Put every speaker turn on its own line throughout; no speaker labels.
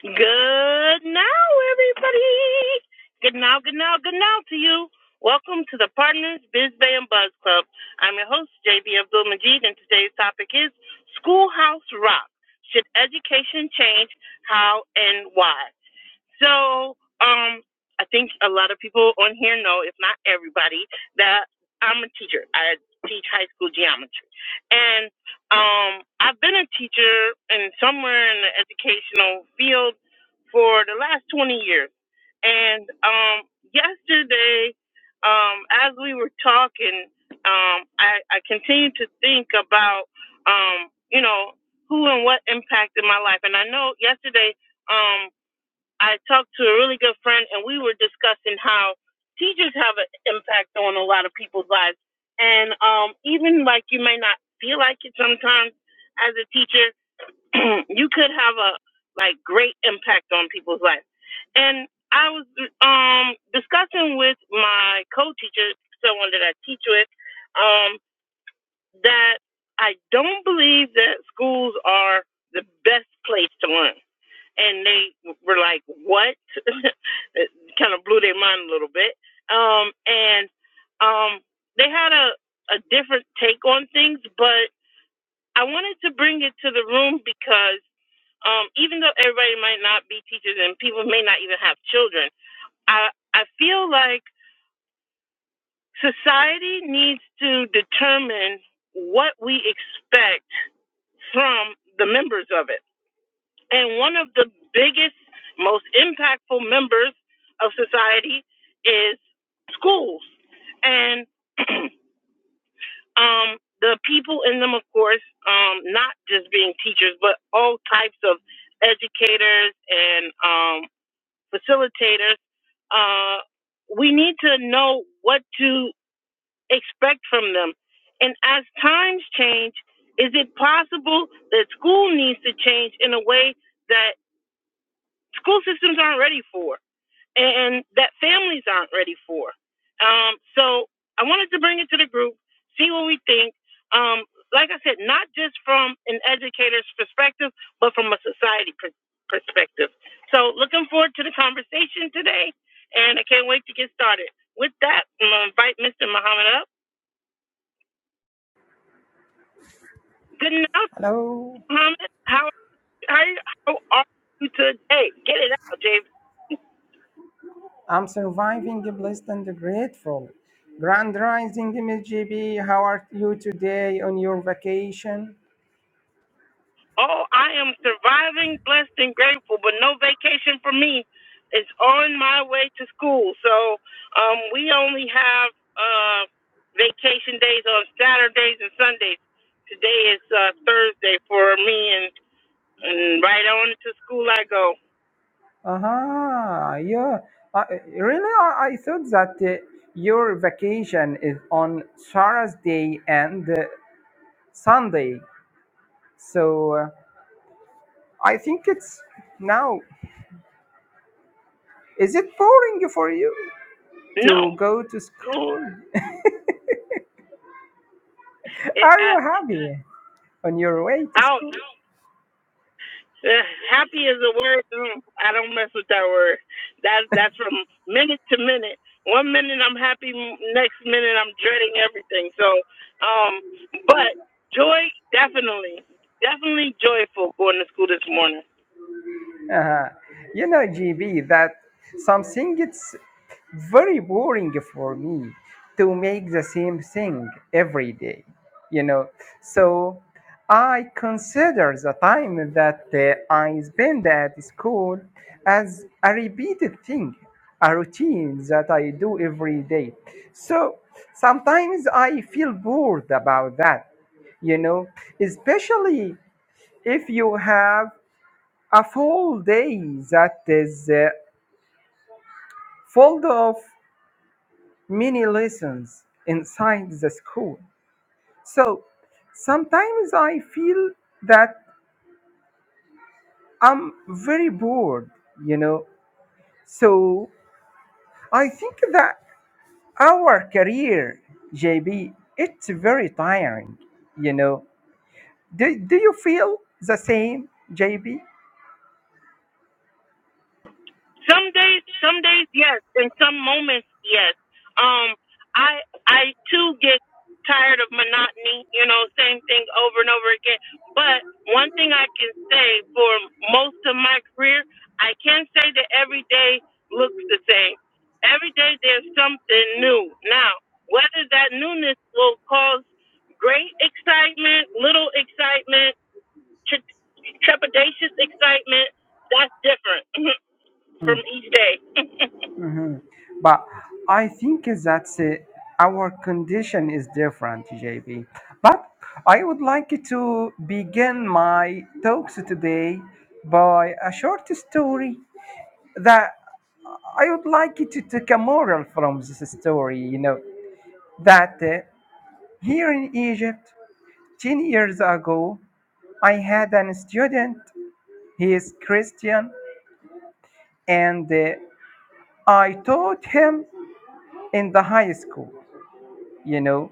Good now, everybody. Good now, good now, good now to you. Welcome to the Partners Biz Bay and Buzz Club. I'm your host, JB Abdul Majid, and today's topic is Schoolhouse Rock. Should education change? How and why? So, um, I think a lot of people on here know, if not everybody, that I'm a teacher. I teach high school geometry, and um, I've been a teacher in somewhere in the educational field for the last 20 years. And um, yesterday, um, as we were talking, um, I, I continued to think about, um, you know, who and what impacted my life. And I know yesterday. Um, I talked to a really good friend, and we were discussing how teachers have an impact on a lot of people's lives. And um, even like you may not feel like it sometimes as a teacher, you could have a like great impact on people's lives. And I was um, discussing with my co-teacher, someone that I teach with, um, that I don't believe that schools are the best place to learn and they were like, "What?" it kind of blew their mind a little bit. Um, and um, they had a a different take on things, but I wanted to bring it to the room because um, even though everybody might not be teachers and people may not even have children, I I feel like society needs to determine what we expect from the members of it And one of the biggest, most impactful members of society is schools. And um, the people in them, of course, um, not just being teachers, but all types of educators and um, facilitators, uh, we need to know what to expect from them. And as times change, is it possible that school needs to change in a way? that? school systems aren't ready for and that families aren't ready for. Um, so I wanted to bring it to the group, see what we think. Um, like I said, not just from an educator's perspective, but from a society per- perspective. So looking forward to the conversation today, and I can't wait to get started. With that, I'm going to invite Mr. Muhammad up. Good night,
Hello,
Muhammad. How, how, how are you today? Get it out, J V.
I'm surviving blessed and grateful. Grand Rising MSGB, how are you today on your vacation?
Oh, I am surviving, blessed, and grateful, but no vacation for me. It's on my way to school. So um, we only have uh, vacation days on Saturdays and Sundays. Today is uh, Thursday for me, and, and right on to school I go.
Uh-huh, yeah. Uh, really, I, I thought that uh, your vacation is on Saturday and uh, Sunday. So uh, I think it's now. Is it boring for you
No,
to go to school?
it,
Are
I,
you happy on your way to
I'll
school?
Uh, happy is a word. mm, I don't mess with that word. That's that's from minute to minute. One minute I'm happy, m- next minute I'm dreading everything. So, um, but joy definitely, definitely joyful going to school this morning.
Uh, you know, GB, that something it's very boring for me to make the same thing every day, you know. So I consider the time that uh, I spend at school as a repeated thing, a routine that I do every day. So sometimes I feel bored about that you know, especially if you have a full day that is uh, full of many lessons inside the school. So sometimes I feel that I'm very bored, you know. So I think that our career, JB, it's very tiring, you know. Do, do you feel the same, JB?
Some days, some days, yes. In some moments, yes. Um, I I too get tired of monotony. You know, same thing over and over again. But one thing I can say for most of my career, I can say that every day looks the same. Every day there's something new. Now, whether that newness will cause great excitement, little excitement, tre- trepidatious excitement, that's different. from each day.
Mhm. But I think that uh, our condition is different, JB. But I would like to begin my talks today by a short story that I would like to take a moral from this story, you know, that uh, here in Egypt, 10 years ago, I had an student, he is Christian, and uh, I taught him in the high school. you know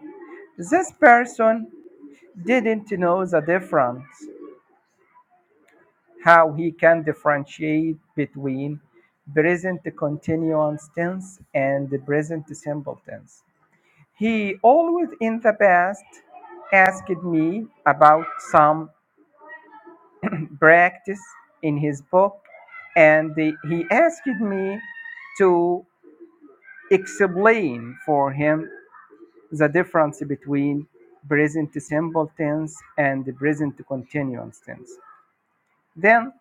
this person didn't know the difference how he can differentiate between present continuous tense and the present simple tense he always in the past asked me about some practice in his book and he asked me to explain for him the difference between present simple tense and the present continuous tense. Then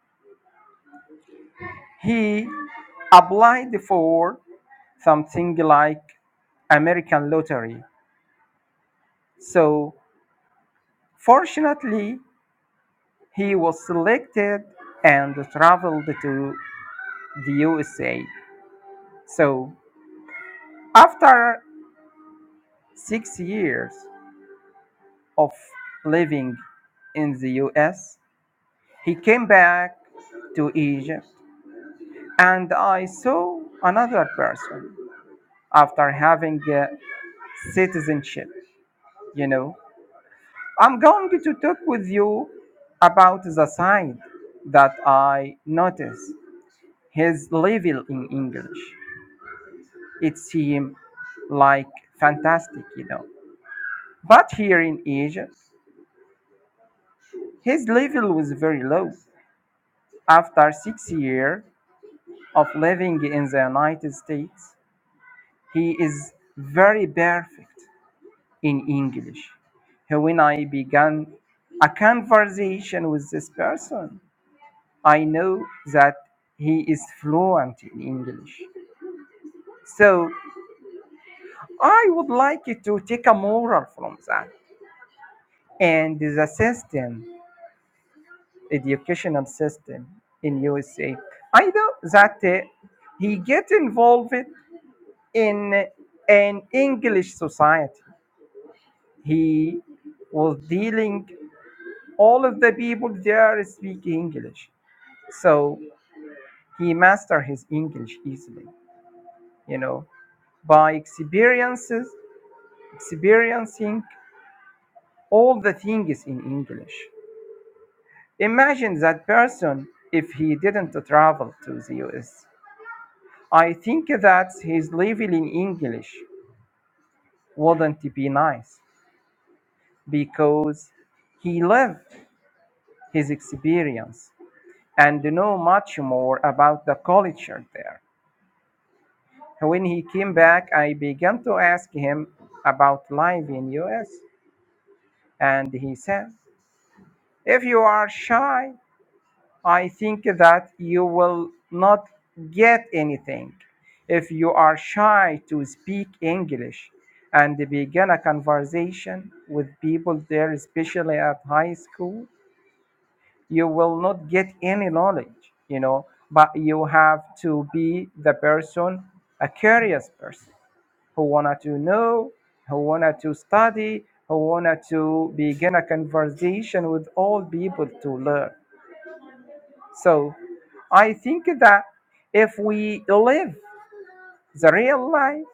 he applied for something like American lottery. So fortunately, he was selected and traveled to the USA. So after six years of living in the US, he came back to Egypt and I saw another person after having uh, citizenship. You know, I'm going to talk with you about the side that I noticed his level in English. It seemed like fantastic, you know. But here in Egypt, his level was very low. After six years of living in the United States, he is very perfect in English. When I began a conversation with this person, I know that he is fluent in English. So I would like you to take a moral from that and the system, educational system in USA. I know that uh, he get involved in an English society. He was dealing all of the people there speak English. So he mastered his English easily, you know, by experiences, experiencing all the things in English. Imagine that person if he didn't travel to the US. I think that his living in English wouldn't be nice because he lived his experience and know much more about the culture there. When he came back, I began to ask him about life in US, and he said, "If you are shy, I think that you will not get anything. If you are shy to speak English and begin a conversation with people there, especially at high school, you will not get any knowledge, you know, but you have to be the person, a curious person who wanted to know, who wanted to study, who wanted to begin a conversation with all people to learn. So I think that if we live the real life,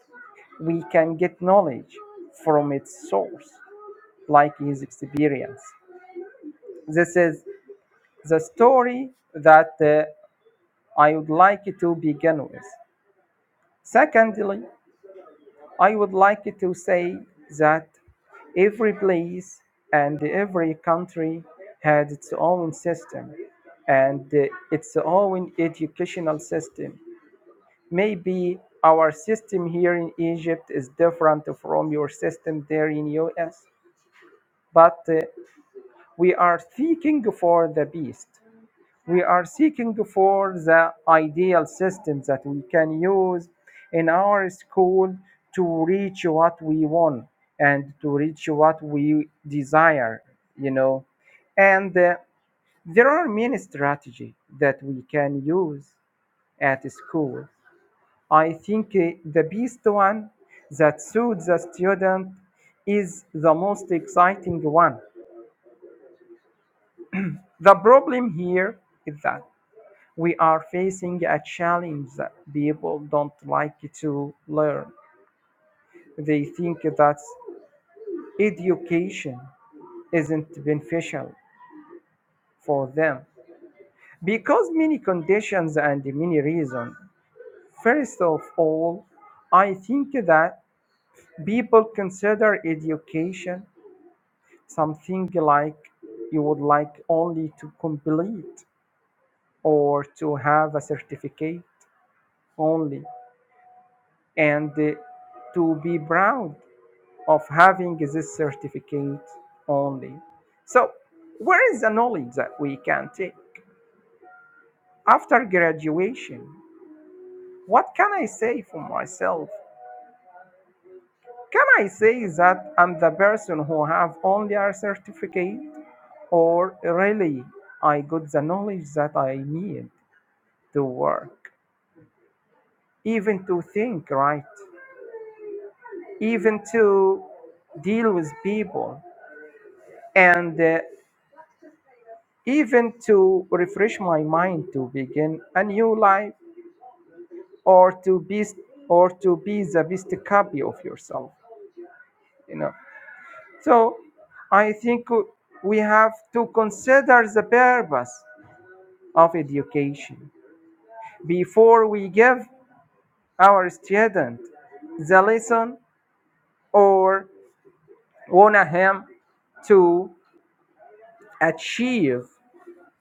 we can get knowledge from its source, like his experience. This is the story that uh, I would like to begin with. Secondly, I would like to say that every place and every country had its own system and uh, its own educational system. Maybe our system here in Egypt is different from your system there in US, but uh, we are seeking for the best we are seeking for the ideal system that we can use in our school to reach what we want and to reach what we desire you know and uh, there are many strategies that we can use at school i think uh, the best one that suits the student is the most exciting one the problem here is that We are facing a challenge that people don't like to learn. They think that education isn't beneficial for them because many conditions and many reasons. First of all, I think that people consider education something like you would like only to complete or to have a certificate only and uh, to be proud of having this certificate only. So, where is the knowledge that we can take after graduation? What can I say for myself? Can I say that I'm the person who have only a certificate, or really I got the knowledge that I need to work, even to think right, even to deal with people and uh, even to refresh my mind to begin a new life or to be or to be the best copy of yourself you know so i think we have to consider the purpose of education before we give our student the lesson or want him to achieve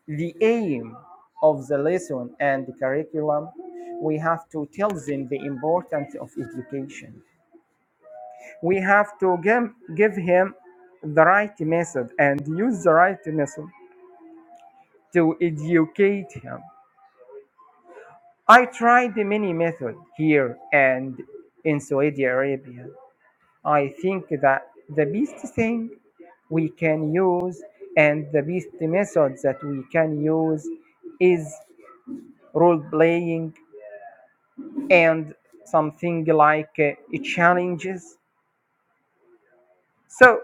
the aim of the lesson and the curriculum. We have to tell them the importance of education. We have to give, give him the right method and use the right method to educate him. I tried many methods here and in Saudi Arabia. I think that the best thing we can use and the best method that we can use is role playing and something like uh, challenges. So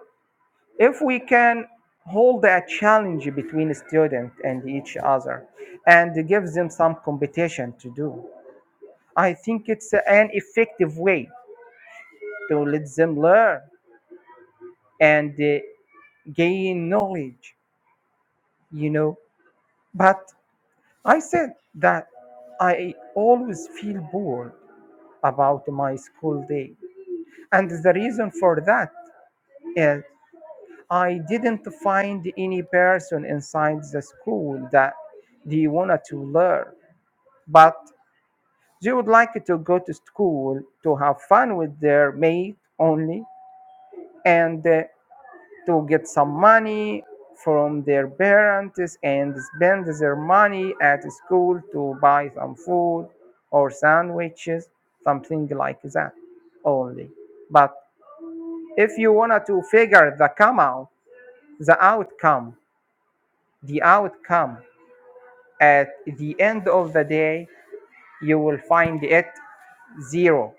if we can hold a challenge between student and each other and give them some competition to do, I think it's an effective way to let them learn and uh, gain knowledge, you know. But I said that I always feel bored about my school day. And the reason for that is I didn't find any person inside the school that they wanted to learn, but they would like to go to school to have fun with their mate only and uh, to get some money from their parents and spend their money at school to buy some food or sandwiches, something like that only. But if you wanted to figure the come out, the outcome, the outcome At the end of the day, you will find it zero,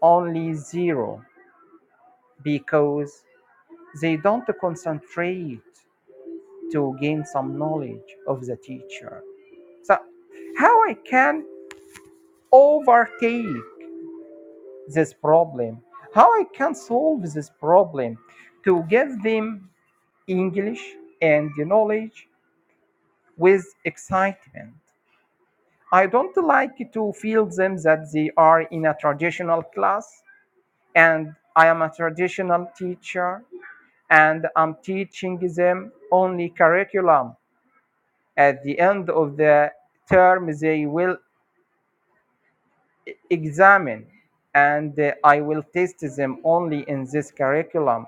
only zero, because they don't concentrate to gain some knowledge of the teacher. So, how I can overtake this problem? How I can solve this problem to give them English and knowledge with excitement? I don't like to feel them that they are in a traditional class and I am a traditional teacher and I'm teaching them only curriculum. At the end of the term, they will e- examine and uh, I will test them only in this curriculum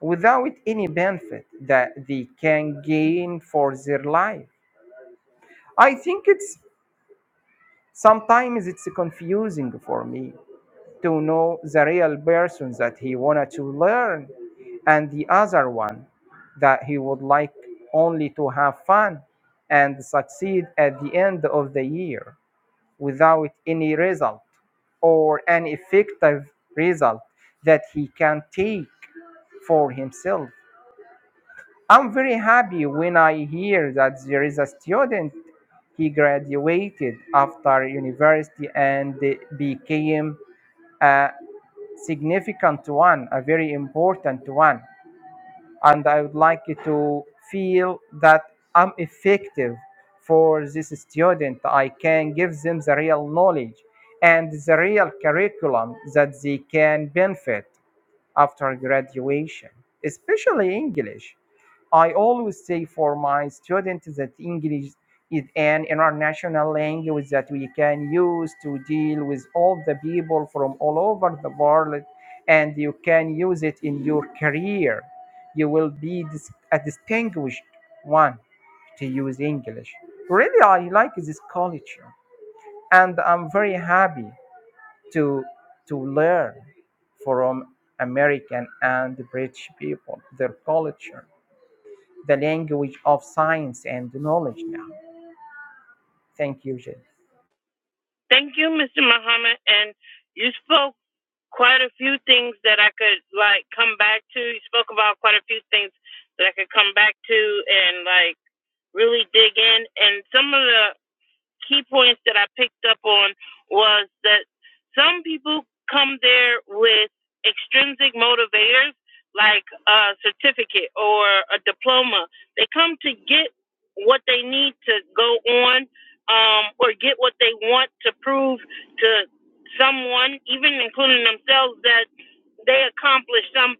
without any benefit that they can gain for their life. I think it's sometimes it's confusing for me to know the real person that he wanted to learn and the other one that he would like only to have fun and succeed at the end of the year without any result or an effective result that he can take for himself. I'm very happy when I hear that there is a student he graduated after university and became a, significant one, a very important one. And I would like to feel that I'm effective for this student. I can give them the real knowledge and the real curriculum that they can benefit after graduation, especially English. I always say for my students that English is an international language that we can use to deal with all the people from all over the world, and you can use it in your career. You will be dis- a distinguished one to use English. Really, I like this culture, and I'm very happy to to learn from American and British people, their culture, the language of science and knowledge now. Thank you, Jay.
Thank you, Mr. Muhammad. And you spoke quite a few things that I could like come back to. You spoke about quite a few things that I could come back to and like really dig in. And some of the key points that I picked up on was that some people come there with extrinsic motivators, like a certificate or a diploma. They come to get what they need to go on um, or get what they want to prove to someone, even including themselves, that they accomplished something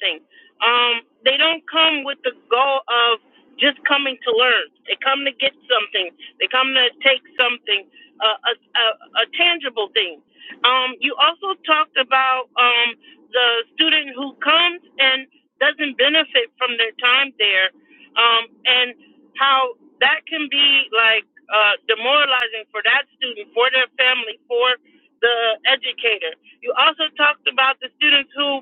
thing. Um, they don't come with the goal of just coming to learn. They come to get something. They come to take something, uh, a, a, a tangible thing. Um, you also talked about um, the student who comes and doesn't benefit from their time there, um, and how that can be like uh, demoralizing for that student, for their family, for the educator. You also talked about the students who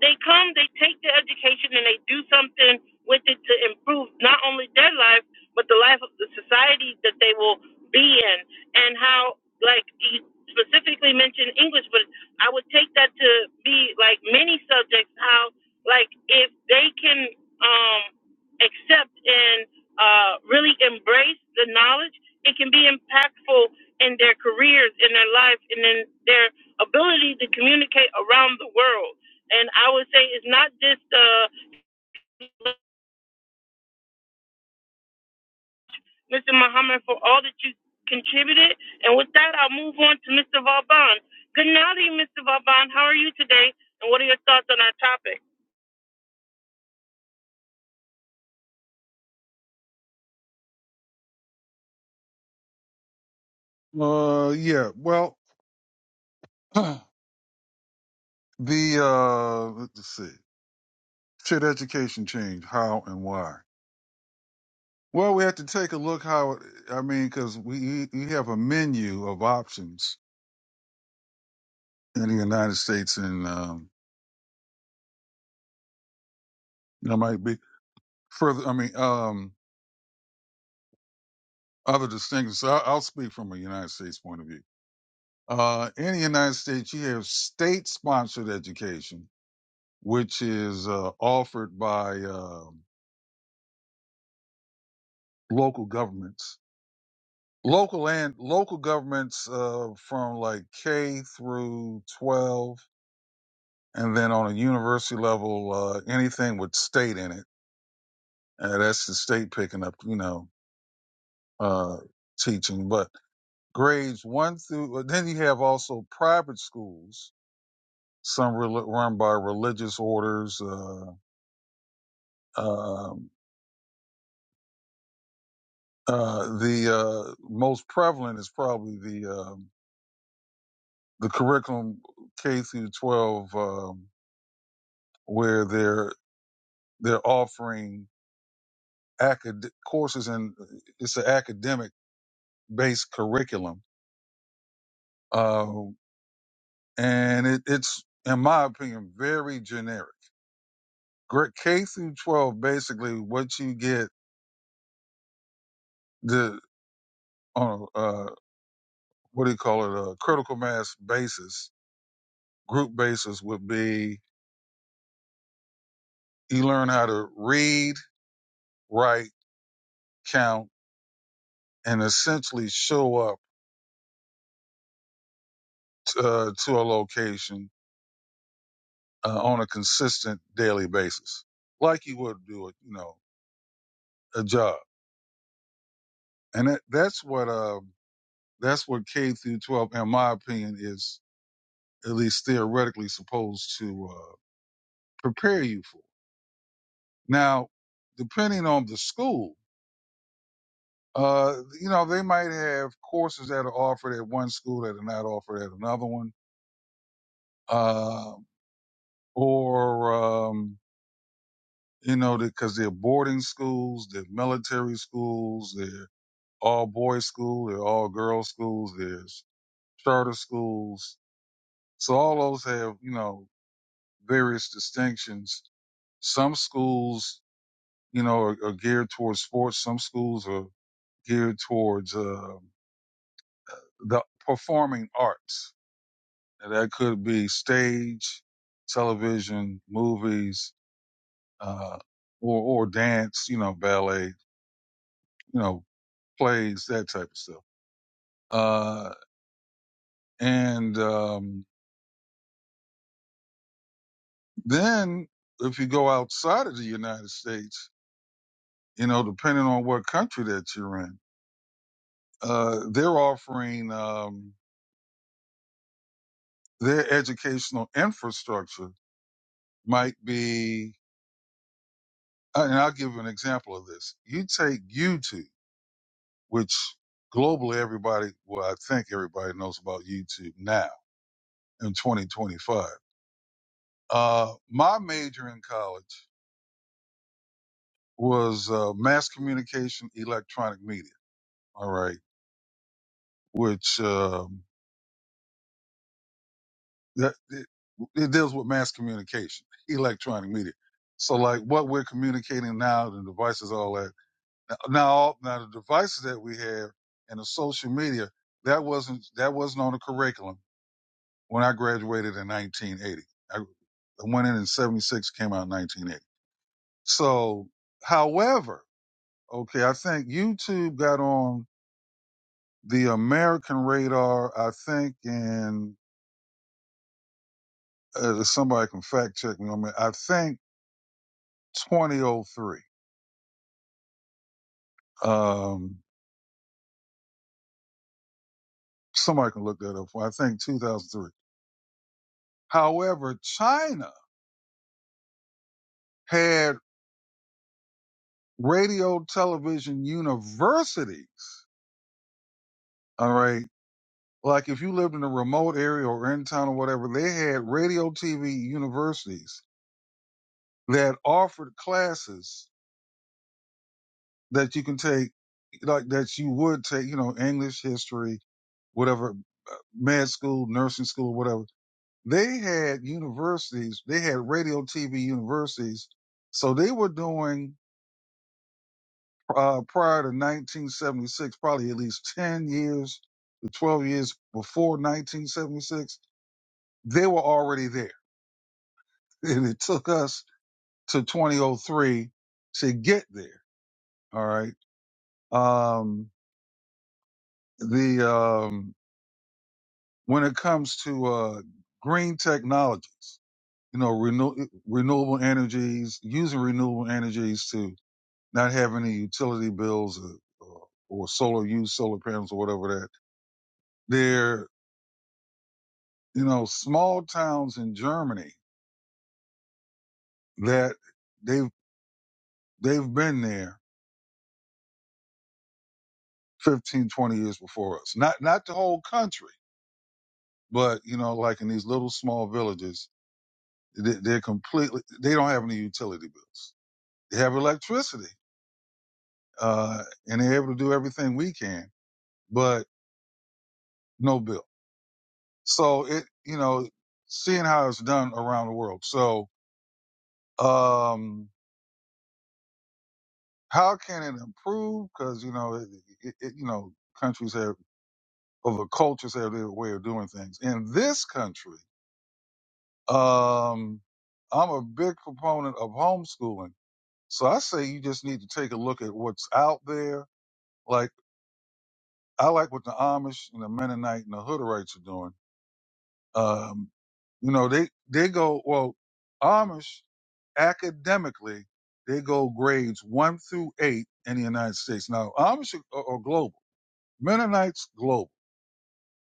they come, they take their education, and they do something with it to improve not only their life, but the life of the society that they will be in. And how, like, you specifically mentioned English, but I would take that to be like many subjects, how, like, if they can um, accept and uh, really embrace the knowledge, it can be impactful in their careers, in their life, and in their ability to communicate around the world and I would say it's not just uh, Mr. Muhammad for all that you contributed. And with that, I'll move on to Mr. Vauban. Good night, Mr. Vauban. How are you today? And what are your thoughts on our topic?
Uh, yeah. Well, the uh, let's see. Should education change? How and why? Well, we have to take a look how. It, I mean, because we we have a menu of options in the United States, and um, there might be further. I mean, um, other distinctions. So, I'll, I'll speak from a United States point of view. Uh, in the United States, you have state-sponsored education, which is uh, offered by uh, local governments local and local governments uh, from like K through 12, and then on a university level, uh, anything with state in it. Uh, that's the state picking up, you know, uh, teaching. But grades one through uh, then you have also private schools, some rel run by religious orders. Uh, um uh, the uh, most prevalent is probably the um the curriculum K through 12. Um, where they're they're offering acad- courses and it's an academic based curriculum. Uh, and it, it's, in my opinion, very generic. Gr- K through 12, basically what you get the, on a, uh, what do you call it? A critical mass basis, group basis would be you learn how to read, write, count, and essentially show up uh, to a location uh, on a consistent daily basis, like you would do it, you know, a job. And that, that's what uh, that's what K through 12, in my opinion, is at least theoretically supposed to uh, prepare you for. Now, depending on the school, uh, you know, they might have courses that are offered at one school that are not offered at another one, uh, or um, you know, because they're boarding schools, they're military schools, they're all boys school, there are all girls schools, there's charter schools. So all those have, you know, various distinctions. Some schools, you know, are, are geared towards sports. Some schools are geared towards uh, the performing arts. And that could be stage, television, movies, uh, or, or dance, you know, ballet, you know, plays, that type of stuff. Uh, and, um, Then, if you go outside of the United States, you know, depending on what country that you're in, uh, they're offering um, their educational infrastructure might be, uh, and I'll give you an example of this. You take YouTube, which globally everybody, well, I think everybody knows about YouTube now in 2025. Uh, my major in college was uh, mass communication, electronic media. All right, which. Um, that it, it deals with mass communication, electronic media. So like what we're communicating now, the devices, all that. Now, now, all- now the devices that we have and the social media, that wasn't that wasn't on the curriculum when I graduated in 1980. I, I went in in 76, came out in 1980. So, however, okay, I think YouTube got on the American radar. I think in uh, somebody can fact check me on that. I think 2003 Um, somebody can look that up. For I think 2003. However, China had radio television universities. All right. Like if you lived in a remote area or in town or whatever, they had radio TV universities that offered classes that you can take, like that you would take, you know, English, history, whatever, uh, med school, nursing school, whatever they had universities, they had radio TV universities. So they were doing, uh, prior to 1976, probably at least 10 years to 12 years before 1976, they were already there. And it took us to 2003 to get there. All right. Um, the, um, when it comes to, uh, green technologies, you know, renew- renewable energies, using renewable energies to not having any utility bills or, or, or solar use, solar panels or whatever that. They're, you know, small towns in Germany that they've, they've been there 15 20 years before us. Not, not the whole country, but, you know, like in these little small villages, they, they're completely, they don't have any utility bills. They have electricity, uh, and they're able to do everything we can, but no bill. So it, you know, seeing how it's done around the world. So, Um, how can it improve? Because you know, it, it, it, you know, countries have or the cultures have their way of doing things. In this country, um, I'm a big proponent of homeschooling, so I say you just need to take a look at what's out there. Like I like what the Amish and the Mennonite and the Hooderites are doing. Um, you know, they they go well. Amish academically, they go grades one through eight in the United States. Now, Amish are, are global. Mennonites global,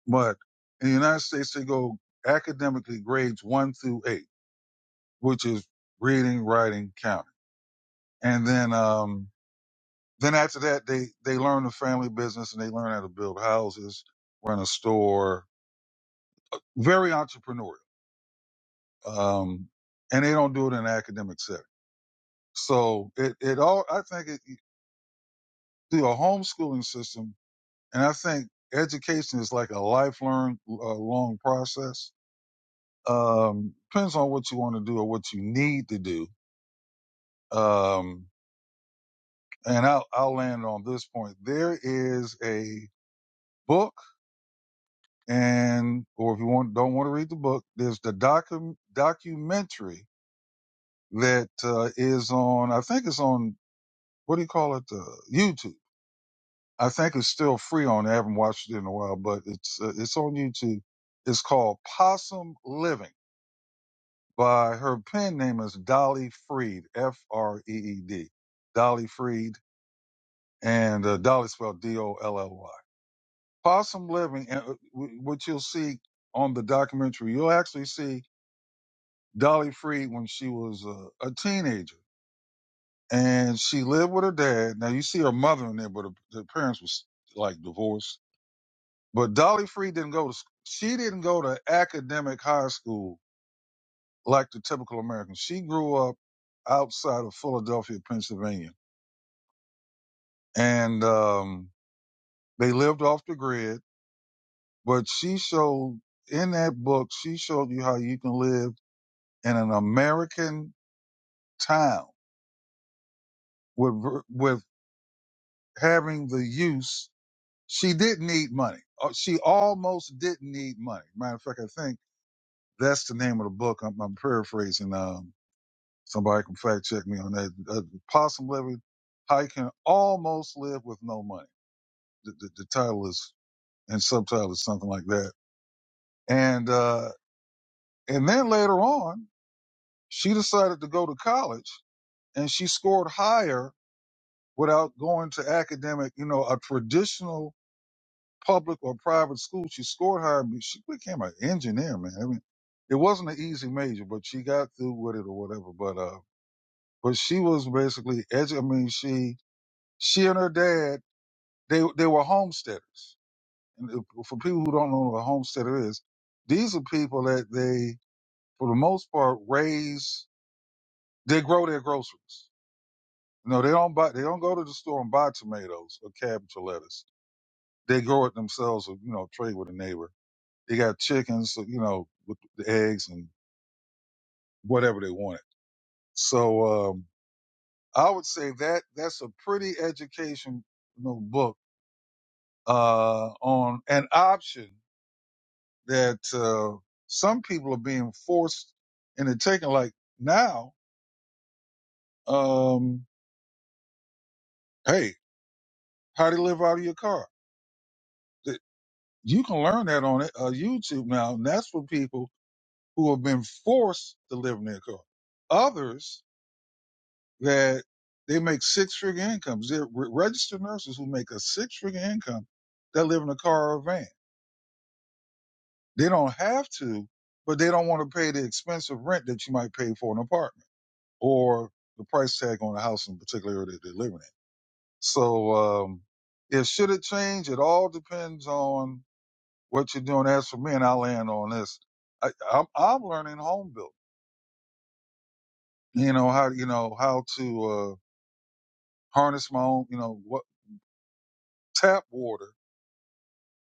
but in the United States, they go academically grades one through eight, which is reading, writing, counting, and then um, then after that, they they learn the family business and they learn how to build houses, run a store, very entrepreneurial, um, and they don't do it in an academic setting. So it it all I think it, through a homeschooling system And I think education is like a lifelong uh, long process. Um, depends on what you want to do or what you need to do. Um, and I'll, I'll land on this point. There is a book, and or if you want don't want to read the book, there's the docu- documentary that uh, is on. I think it's on what do you call it? Uh, YouTube. I think it's still free on. I haven't watched it in a while, but it's uh, it's on YouTube. It's called Possum Living by her pen name is Dolly Freed, F R E E D, Dolly Freed, and uh, Dolly spelled D O L L Y. Possum Living, and uh, wh- what you'll see on the documentary, you'll actually see Dolly Freed when she was uh, a teenager, and she lived with her dad. Now you see her mother in there, but her, her parents was like divorced. But Dolly Freed didn't go to sc- she didn't go to academic high school like the typical American. She grew up outside of Philadelphia, Pennsylvania and um, they lived off the grid. But she showed in that book, she showed you how you can live in an American town with with having the use. She didn't need money. Uh, She almost didn't need money. Matter of fact, I think that's the name of the book. I'm, I'm paraphrasing. Um, somebody can fact check me on that. Uh, Possum living, how you can almost live with no money. The, the, the title is and subtitle is something like that. And uh, And then later on, she decided to go to college and she scored higher without going to academic, you know, a traditional public or private school. She scored higher. be- She became an engineer, man. I mean, it wasn't an easy major, but she got through with it or whatever. But, uh, but she was basically edu- I mean, she, she and her dad, they, they were homesteaders. And if- for people who don't know what a homesteader is, these are people that they, for the most part, raise, they grow their groceries No, they don't buy. They don't go to the store and buy tomatoes or cabbage or lettuce. They grow it themselves, or you know, trade with a neighbor. They got chickens, so, you know, with the eggs and whatever they wanted. So um, I would say that that's a pretty educational book uh, on an option that uh, some people are being forced into taking. Like now, um, hey, how to live out of your car? You can learn that on uh, YouTube now, and that's for people who have been forced to live near car. Others that they make six figure incomes. They're re- registered nurses who make a six figure income that live in a car or a van. They don't have to, but they don't want to pay the expensive rent that you might pay for an apartment or the price tag on a house in particular area that they're living in. So, um, it should it change? It all depends on what you're doing. As for me, and I'll land on this. I, I'm, I'm learning home building. You know how you know how to. uh, harness my own, you know, what tap water,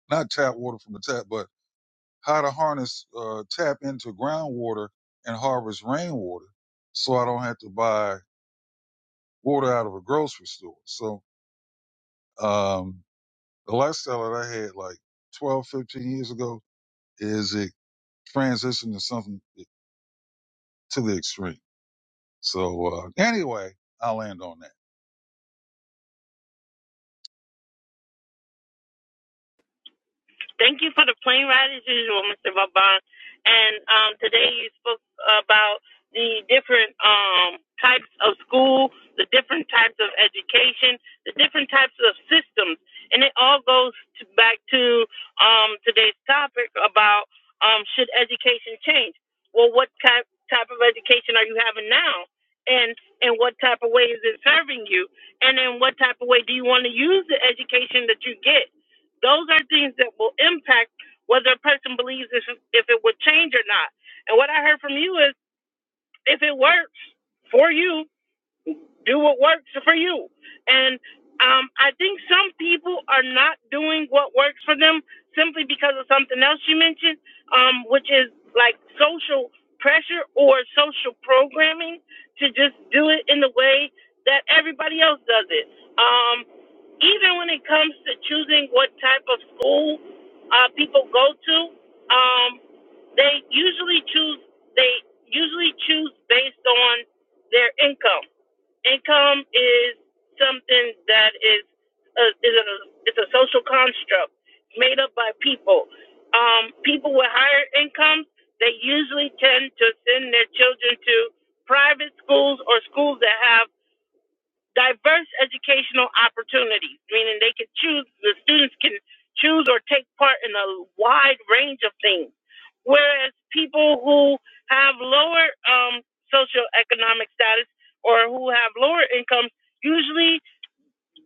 not tap water from the tap, but how to harness, uh, tap into groundwater and harvest rainwater so I don't have to buy water out of a grocery store. So, um, the lifestyle that I had like 12, 15 years ago is it transitioned to something to the extreme. So, uh, anyway, I'll land on that.
Thank you for the plane ride as usual, Mr. Vaban. And um, today you spoke about the different um, types of school, the different types of education, the different types of systems, and it all goes to, back to um, today's topic about um, should education change? Well, what type type of education are you having now? And in what type of way is it serving you? And in what type of way do you want to use the education that you get? Those are things that will impact whether a person believes if, if it would change or not. And what I heard from you is if it works for you, do what works for you. And um, I think some people are not doing what works for them simply because of something else you mentioned, um, which is like social pressure or social programming to just do it in the way that everybody else does it. Um, even when it comes to choosing what type of school uh, people go to, um, they usually choose they usually choose based on their income income is something that is a, is a it's a social construct made up by people. Um, people with higher incomes they usually tend to send their children to private schools or schools that have diverse educational opportunities, meaning they can choose, the students can choose or take part in a wide range of things. Whereas people who have lower um, socioeconomic status or who have lower incomes usually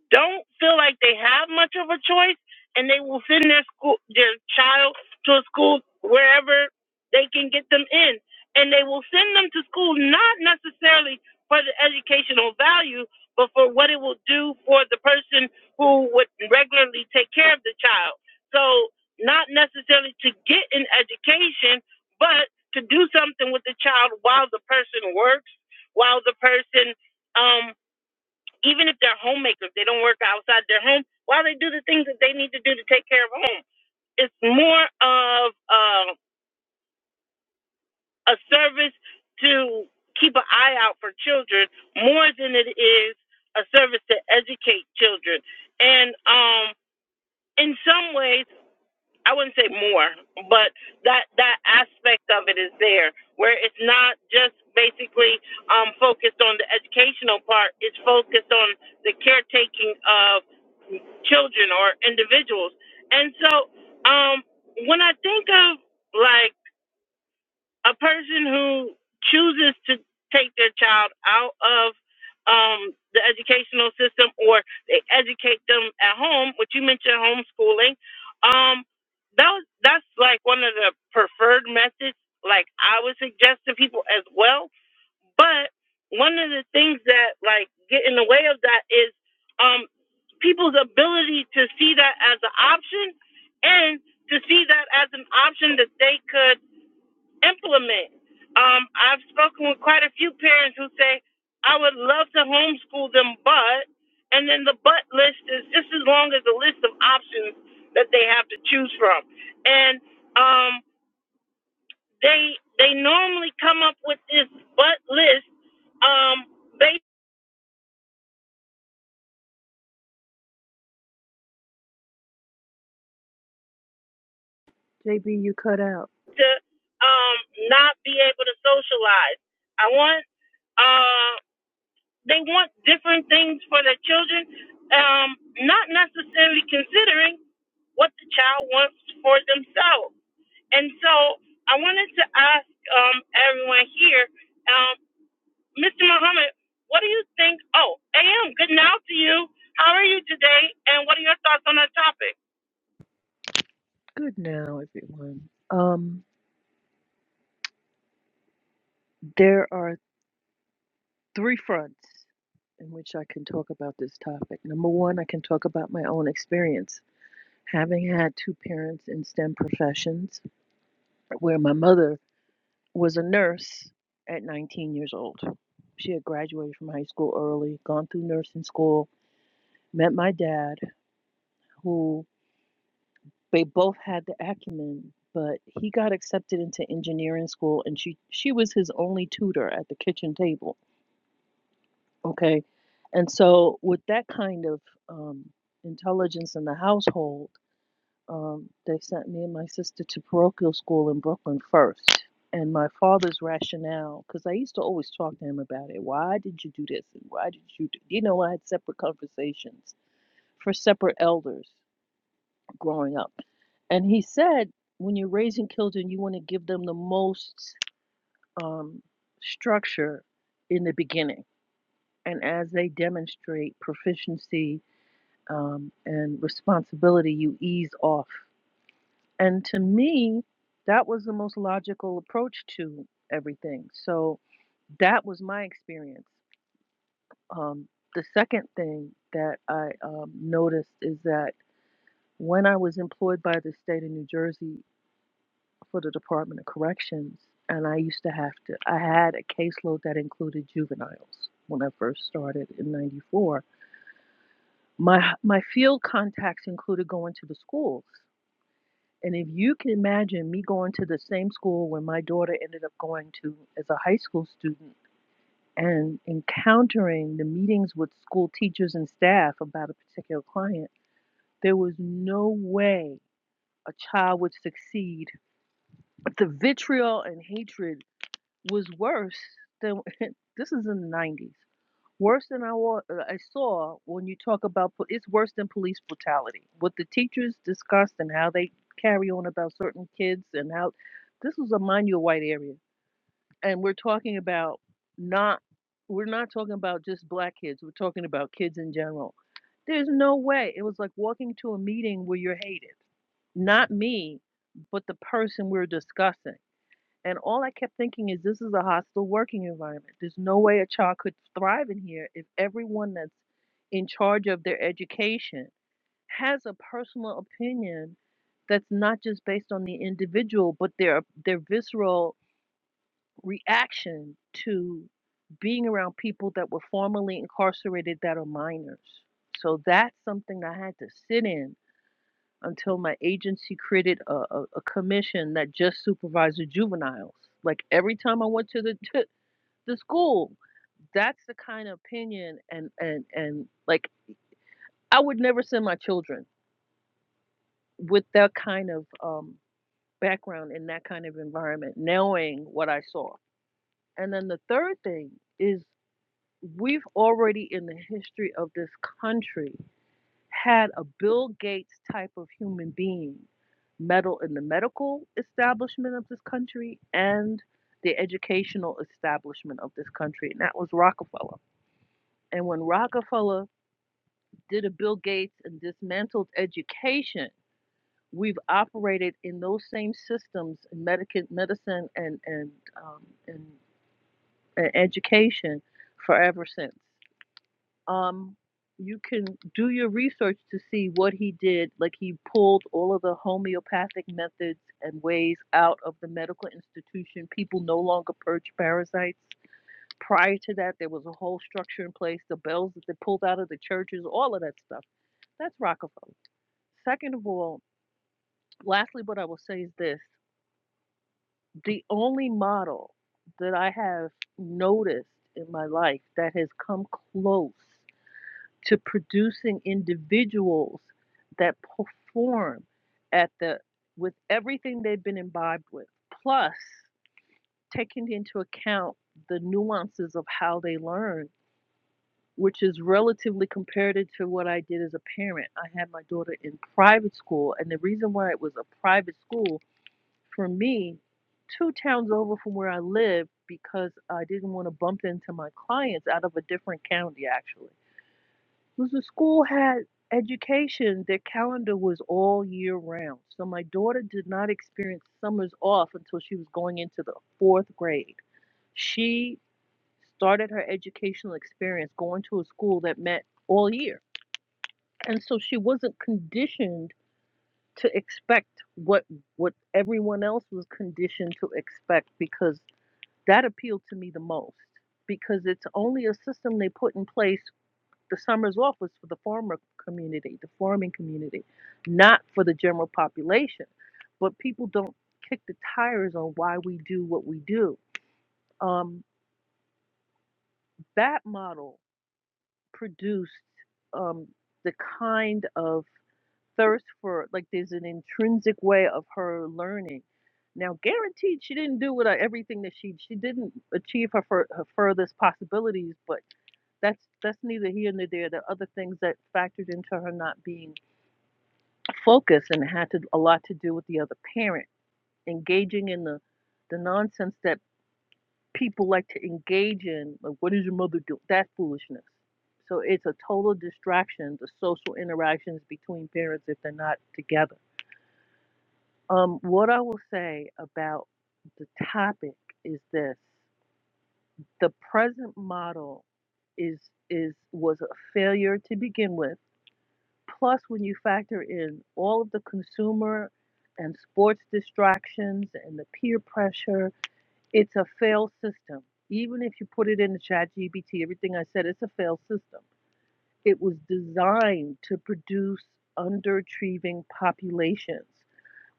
don't feel like they have much of a choice and they will send their school their child to a school wherever they can get them in and they will send them to school not necessarily for the educational value but for what it will do for the person who would regularly take care of the child so not necessarily to get an education but to do something with the child while the person works while the person um, even if they're homemakers, they don't work outside their home. While they do the things that they need to do to take care of home, it's more of uh, a service to keep an eye out for children more than it is a service to educate children. And um, in some ways, I wouldn't say more, but that that aspect of it is there, where it's not just basically um, focused on the educational part; it's focused on the caretaking of children or individuals. And so um, when I think of like a person who chooses to take their child out of um, the educational system or they educate them at home, which you mentioned homeschooling, um, that was, that's like one of the preferred methods, like I would suggest to people as well. But one of the things that like get in the way of that is um, people's ability to see that as an option and to see that as an option that they could implement. Um, I've spoken with quite a few parents who say, I would love to homeschool them, but, and then the but list is just as long as the list of options that they have to choose from. And um, they they normally come up with this but list um, based
JB, you cut out.
to um, not be able to socialize. I want uh, they want different things for their children, um, not necessarily considering what the child wants for themselves. And so I wanted to ask um, everyone here, um, Mr. Muhammad, what do you think? Oh, AM, good now to you. How are you today? And what are your thoughts on our topic?
Good now, everyone. Um, there are three fronts in which I can talk about this topic. Number one, I can talk about my own experience. Having had two parents in STEM professions, where my mother was a nurse at 19 years old. She had graduated from high school early, gone through nursing school, met my dad, who. They both had the acumen, but he got accepted into engineering school and she she was his only tutor at the kitchen table, okay? And so with that kind of um intelligence in the household, um they sent me and my sister to parochial school in Brooklyn first. And my father's rationale, because I used to always talk to him about it. Why did you do this? And why did you do? You know, I had separate conversations for separate elders growing up. And he said, when you're raising children, you want to give them the most um, structure in the beginning. And as they demonstrate proficiency um, and responsibility, you ease off. And to me, that was the most logical approach to everything. So that was my experience. Um, the second thing that I um, noticed is that when I was employed by the state of New Jersey for the Department of Corrections, and I used to have to, I had a caseload that included juveniles when I first started in 94. My, my field contacts included going to the schools. And if you can imagine me going to the same school when my daughter ended up going to as a high school student and encountering the meetings with school teachers and staff about a particular client, there was no way a child would succeed. But the vitriol and hatred was worse than this is in the 90s worse than i wa- uh, i saw when you talk about po- it's worse than police brutality what the teachers discussed and how they carry on about certain kids and how this was a mind your white area and we're talking about not we're not talking about just black kids we're talking about kids in general there's no way it was like walking to a meeting where you're hated not me but the person we're discussing and all I kept thinking is this is a hostile working environment. There's no way a child could thrive in here if everyone that's in charge of their education has a personal opinion that's not just based on the individual, but their their visceral reaction to being around people that were formerly incarcerated that are minors. So that's something I had to sit in until my agency created a, a, a commission that just supervised juveniles. Like every time I went to the to the school, that's the kind of opinion and and and like I would never send my children with that kind of um, background in that kind of environment, knowing what I saw. And then the third thing is we've already in the history of this country had a Bill Gates type of human being meddle in the medical establishment of this country and the educational establishment of this country, and that was Rockefeller. And when Rockefeller did a Bill Gates and dismantled education, we've operated in those same systems in medic- medicine and and, um, and and education forever since. um, you can do your research to see what he did. Like he pulled all of the homeopathic methods and ways out of the medical institution. People no longer purge parasites. Prior to that, there was a whole structure in place, the bells that they pulled out of the churches, all of that stuff. That's Rockefeller. Second of all, lastly, what I will say is this the only model that I have noticed in my life that has come close to producing individuals that perform at the with everything they've been imbibed with plus taking into account the nuances of how they learn which is relatively comparative to what I did as a parent. I had my daughter in private school and the reason why it was a private school for me two towns over from where I lived because I didn't want to bump into my clients out of a different county actually because the school had education, their calendar was all year round. So my daughter did not experience summers off until she was going into the fourth grade. She started her educational experience going to a school that met all year. And so she wasn't conditioned to expect what what everyone else was conditioned to expect because that appealed to me the most because it's only a system they put in place the summers off was for the farmer community, the farming community, not for the general population. But people don't kick the tires on why we do what we do. Um, that model produced um, the kind of thirst for, like, there's an intrinsic way of her learning. Now, guaranteed, she didn't do what I, everything that she she didn't achieve her, fur, her furthest possibilities, but that's that's neither here nor there. There are other things that factored into her not being focus and it had to, a lot to do with the other parent engaging in the the nonsense that people like to engage in like what is your mother doing that foolishness so it's a total distraction The social interactions between parents if they're not together um what i will say about the topic is this the present model is is was a failure to begin with Plus, when you factor in all of the consumer and sports distractions and the peer pressure, it's a failed system. Even if you put it in the chat GBT, everything I said, it's a failed system. It was designed to produce underachieving populations,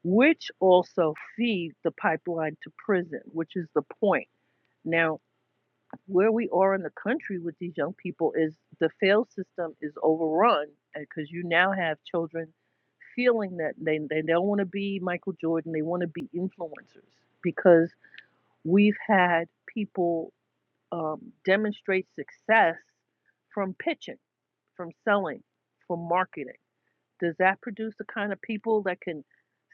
which also feed the pipeline to prison, which is the point. Now, where we are in the country with these young people is the fail system is overrun because you now have children feeling that they, they don't want to be Michael Jordan, they want to be influencers because we've had people um, demonstrate success from pitching, from selling, from marketing. Does that produce the kind of people that can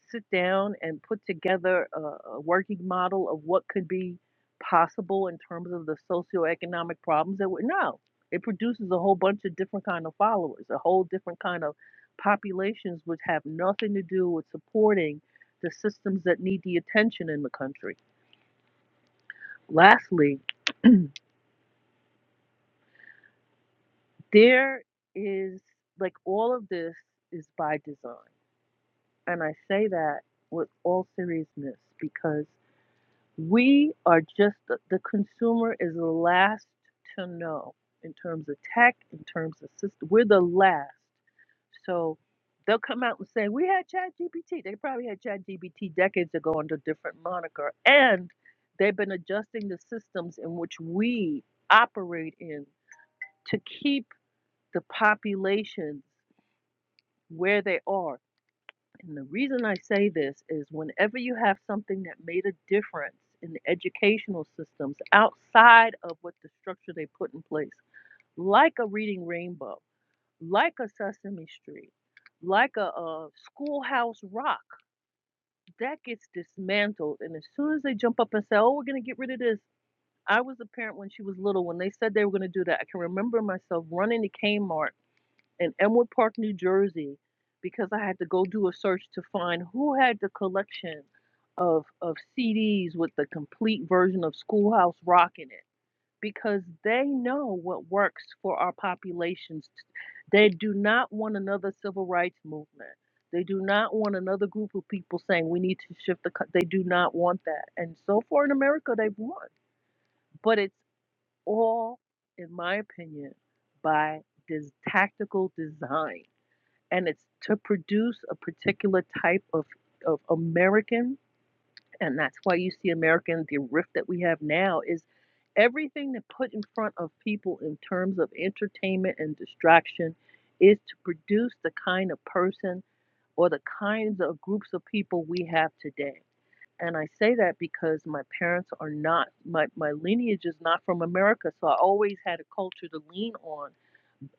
sit down and put together a, a working model of what could be possible in terms of the socioeconomic problems that we no. It produces a whole bunch of different kind of followers, a whole different kind of populations which have nothing to do with supporting the systems that need the attention in the country. Lastly, there is like all of this is by design. And I say that with all seriousness because We are just the, the consumer is the last to know in terms of tech, in terms of system. We're the last. So they'll come out and say, We had ChatGPT. They probably had ChatGPT decades ago under a different moniker. And they've been adjusting the systems in which we operate in to keep the populations where they are and the reason I say this is whenever you have something that made a difference in the educational systems outside of what the structure they put in place, like a Reading Rainbow, like a Sesame Street, like a, a Schoolhouse Rock, that gets dismantled. And as soon as they jump up and say, oh, we're going to get rid of this, I was a parent when she was little. When they said they were going to do that, I can remember myself running to Kmart in Elmwood Park, New Jersey, because I had to go do a search to find who had the collection of of CDs with the complete version of Schoolhouse Rock in it, because they know what works for our populations. They do not want another civil rights movement. They do not want another group of people saying we need to shift the. co-" They do not want that, and so far in America they've won. But it's all, in my opinion, by this tactical design and it's to produce a particular type of, of American. And that's why you see American, the rift that we have now is everything that put in front of people in terms of entertainment and distraction is to produce the kind of person or the kinds of groups of people we have today. And I say that because my parents are not, my, my lineage is not from America. So I always had a culture to lean on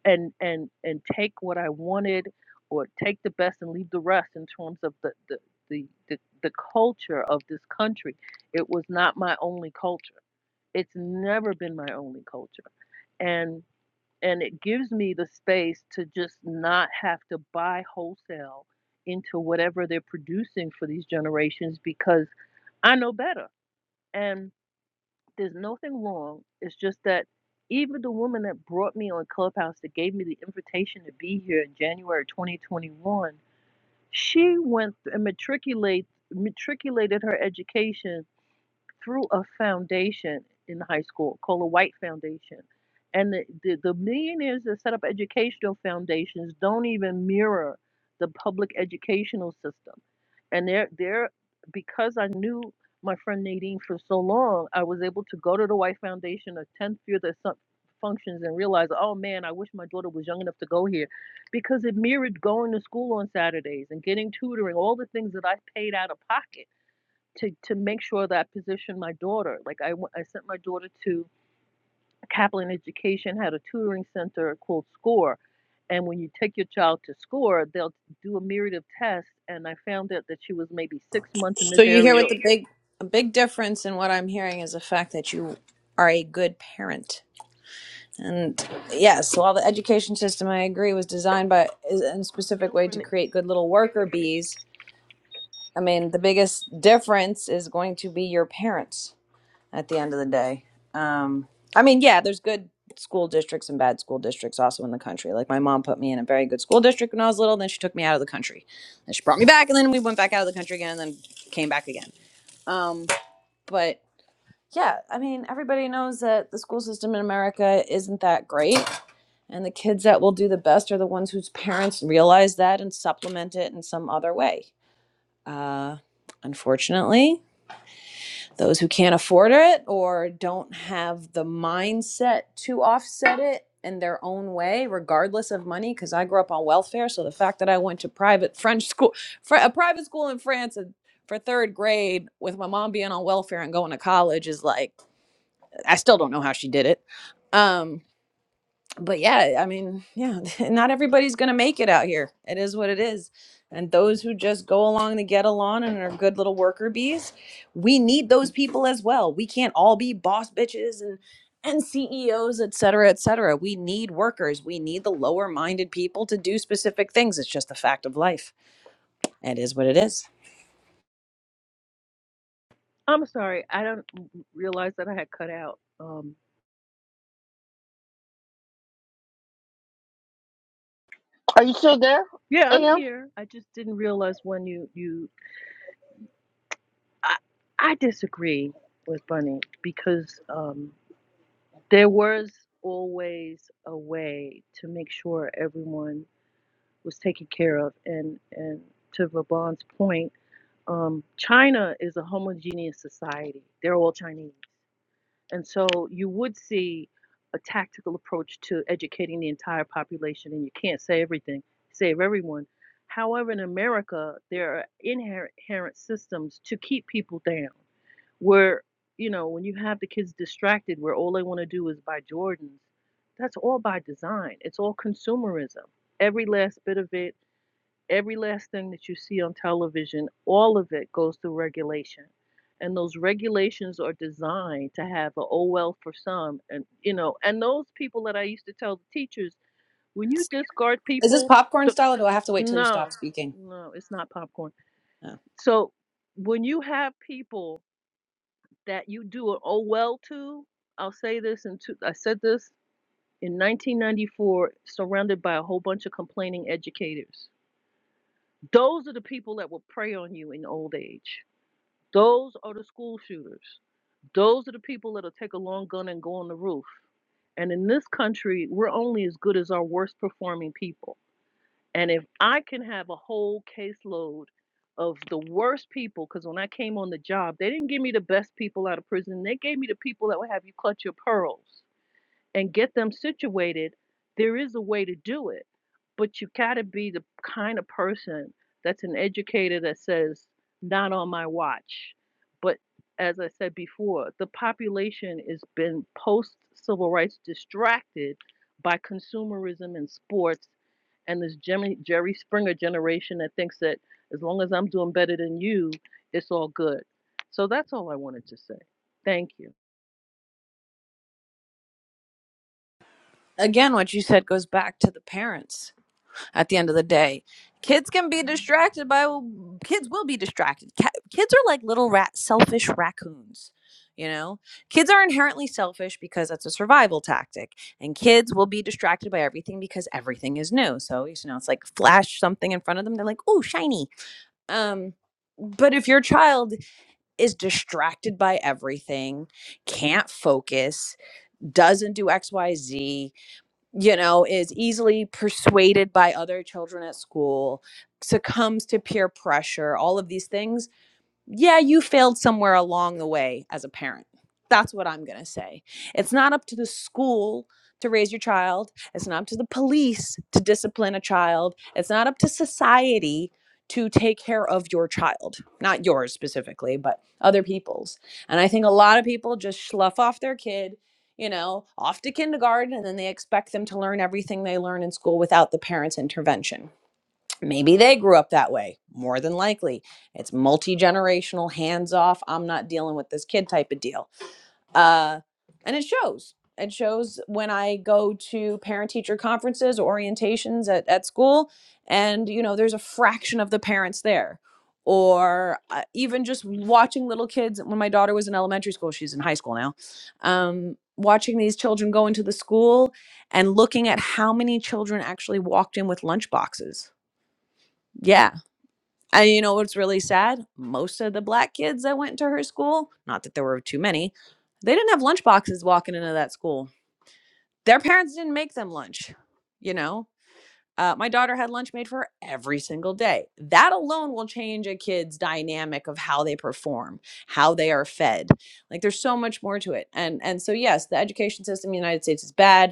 and and and take what I wanted or take the best and leave the rest in terms of the the the the, the culture of this country. It was not my only culture. It's never been my only culture. And and it gives me the space to just not have to buy wholesale into whatever they're producing for these generations because I know better. And. There's nothing wrong. It's just that even the woman that brought me on Clubhouse that gave me the invitation to be here in January 2021, she went and matriculate matriculated her education through a foundation in high school called a White Foundation. And the, the, the millionaires that set up educational foundations don't even mirror the public educational system. And they're, they're because I knew my friend Nadine for so long, I was able to go to the White Foundation, attend few of their some functions, and realize, oh man, I wish my daughter was young enough to go here because it mirrored going to school on Saturdays and getting tutoring, all the things that I paid out of pocket to to make sure that I positioned my daughter. Like I, I sent my daughter to Kaplan Education, had a tutoring center called SCORE. And when you take your child to SCORE, they'll do a myriad of tests. And I found out that she was maybe six months in
So
this
you hear
area.
what the big a big difference in what I'm hearing is the fact that you are a good parent. And yes, while the education system I agree was designed by is in a specific way to create good little worker bees, I mean the biggest difference is going to be your parents at the end of the day. Um, I mean, yeah, there's good school districts and bad school districts also in the country. Like my mom put me in a very good school district when I was little, then she took me out of the country. Then she brought me back and then we went back out of the country again and then came back again. Um, but yeah, I mean, everybody knows that the school system in America isn't that great, and the kids that will do the best are the ones whose parents realize that and supplement it in some other way. Uh, unfortunately, those who can't afford it or don't have the mindset to offset it in their own way, regardless of money, because I grew up on welfare, so the fact that I went to private French school, fr- a private school in France, and for third grade with my mom being on welfare and going to college is like I still don't know how she did it. Um, but yeah, I mean, yeah, not everybody's gonna make it out here. It is what it is. And those who just go along to get along and are good little worker bees, we need those people as well. We can't all be boss bitches and and CEOs, et cetera, et cetera. We need workers. We need the lower minded people to do specific things. It's just a fact of life. It is what it is.
I'm sorry, I don't realize that I had cut out. Um, yeah, I'm here. I just didn't realize when you you. I, I disagree with Bunny because. Um, There was always a way to make sure everyone was taken care of. And, and to Vaban's point, um, China is a homogeneous society. They're all Chinese. And so you would see a tactical approach to educating the entire population, and you can't say everything, save everyone. However, in America, there are inherent systems to keep people down where you know when you have the kids distracted where all they want to do is buy jordans that's all by design it's all consumerism every last bit of it every last thing that you see on television all of it goes through regulation and those regulations are designed to have a oh well for some and you know and those people that i used to tell the teachers when you discard
Is this
people
popcorn
th-
style or do I have to wait till you stop
no
speaking?
no it's not popcorn
Oh.
so when you have people that you do an oh well to. I'll say this and I said this in 1994, surrounded by a whole bunch of complaining educators. Those are the people that will prey on you in old age. Those are the school shooters. Those are the people that'll take a long gun and go on the roof. And in this country, we're only as good as our worst performing people and if I can have a whole caseload of the worst people, because when I came on the job, they didn't give me the best people out of prison. They gave me the people that would have you clutch your pearls and get them situated. There is a way to do it, but you got to be the kind of person that's an educator that says, not on my watch. But as I said before, the population has been post civil rights distracted by consumerism and sports and this Jimmy Jerry Springer generation that thinks that as long as I'm doing better than you, it's all good. So that's all I wanted to say. Thank you.
Again, what you said goes back to the parents at the end of the day. Kids can be distracted by kids will be distracted. Ca- Kids are like little rat selfish raccoons, you know? Kids are inherently selfish because that's a survival tactic. And kids will be distracted by everything because everything is new. So, you know, it's like flash something in front of them, they're like, "Oh, shiny." Um but if your child is distracted by everything, can't focus, doesn't do XYZ, you know, is easily persuaded by other children at school, succumbs to peer pressure, all of these things yeah, you failed somewhere along the way as a parent. That's what I'm going to say. It's not up to the school to raise your child. It's not up to the police to discipline a child. It's not up to society to take care of your child, not yours specifically, but other people's. And I think a lot of people just slough off their kid, you know, off to kindergarten, and then they expect them to learn everything they learn in school without the parents' intervention Maybe they grew up that way. More than likely, it's multi generational, hands off. I'm not dealing with this kid type of deal. Uh, and it shows. It shows when I go to parent teacher conferences, orientations at, at school, and you know, there's a fraction of the parents there. Or uh, even just watching little kids. When my daughter was in elementary school, she's in high school now. Um, watching these children go into the school and looking at how many children actually walked in with lunch boxes. Yeah, and you know what's really sad? Most of the black kids that went to her school, not that there were too many, they didn't have lunch boxes walking into that school. Their parents didn't make them lunch, you know? Uh, my daughter had lunch made for her every single day. That alone will change a kid's dynamic of how they perform, how they are fed. Like there's so much more to it. And and so yes, the education system in the United States is bad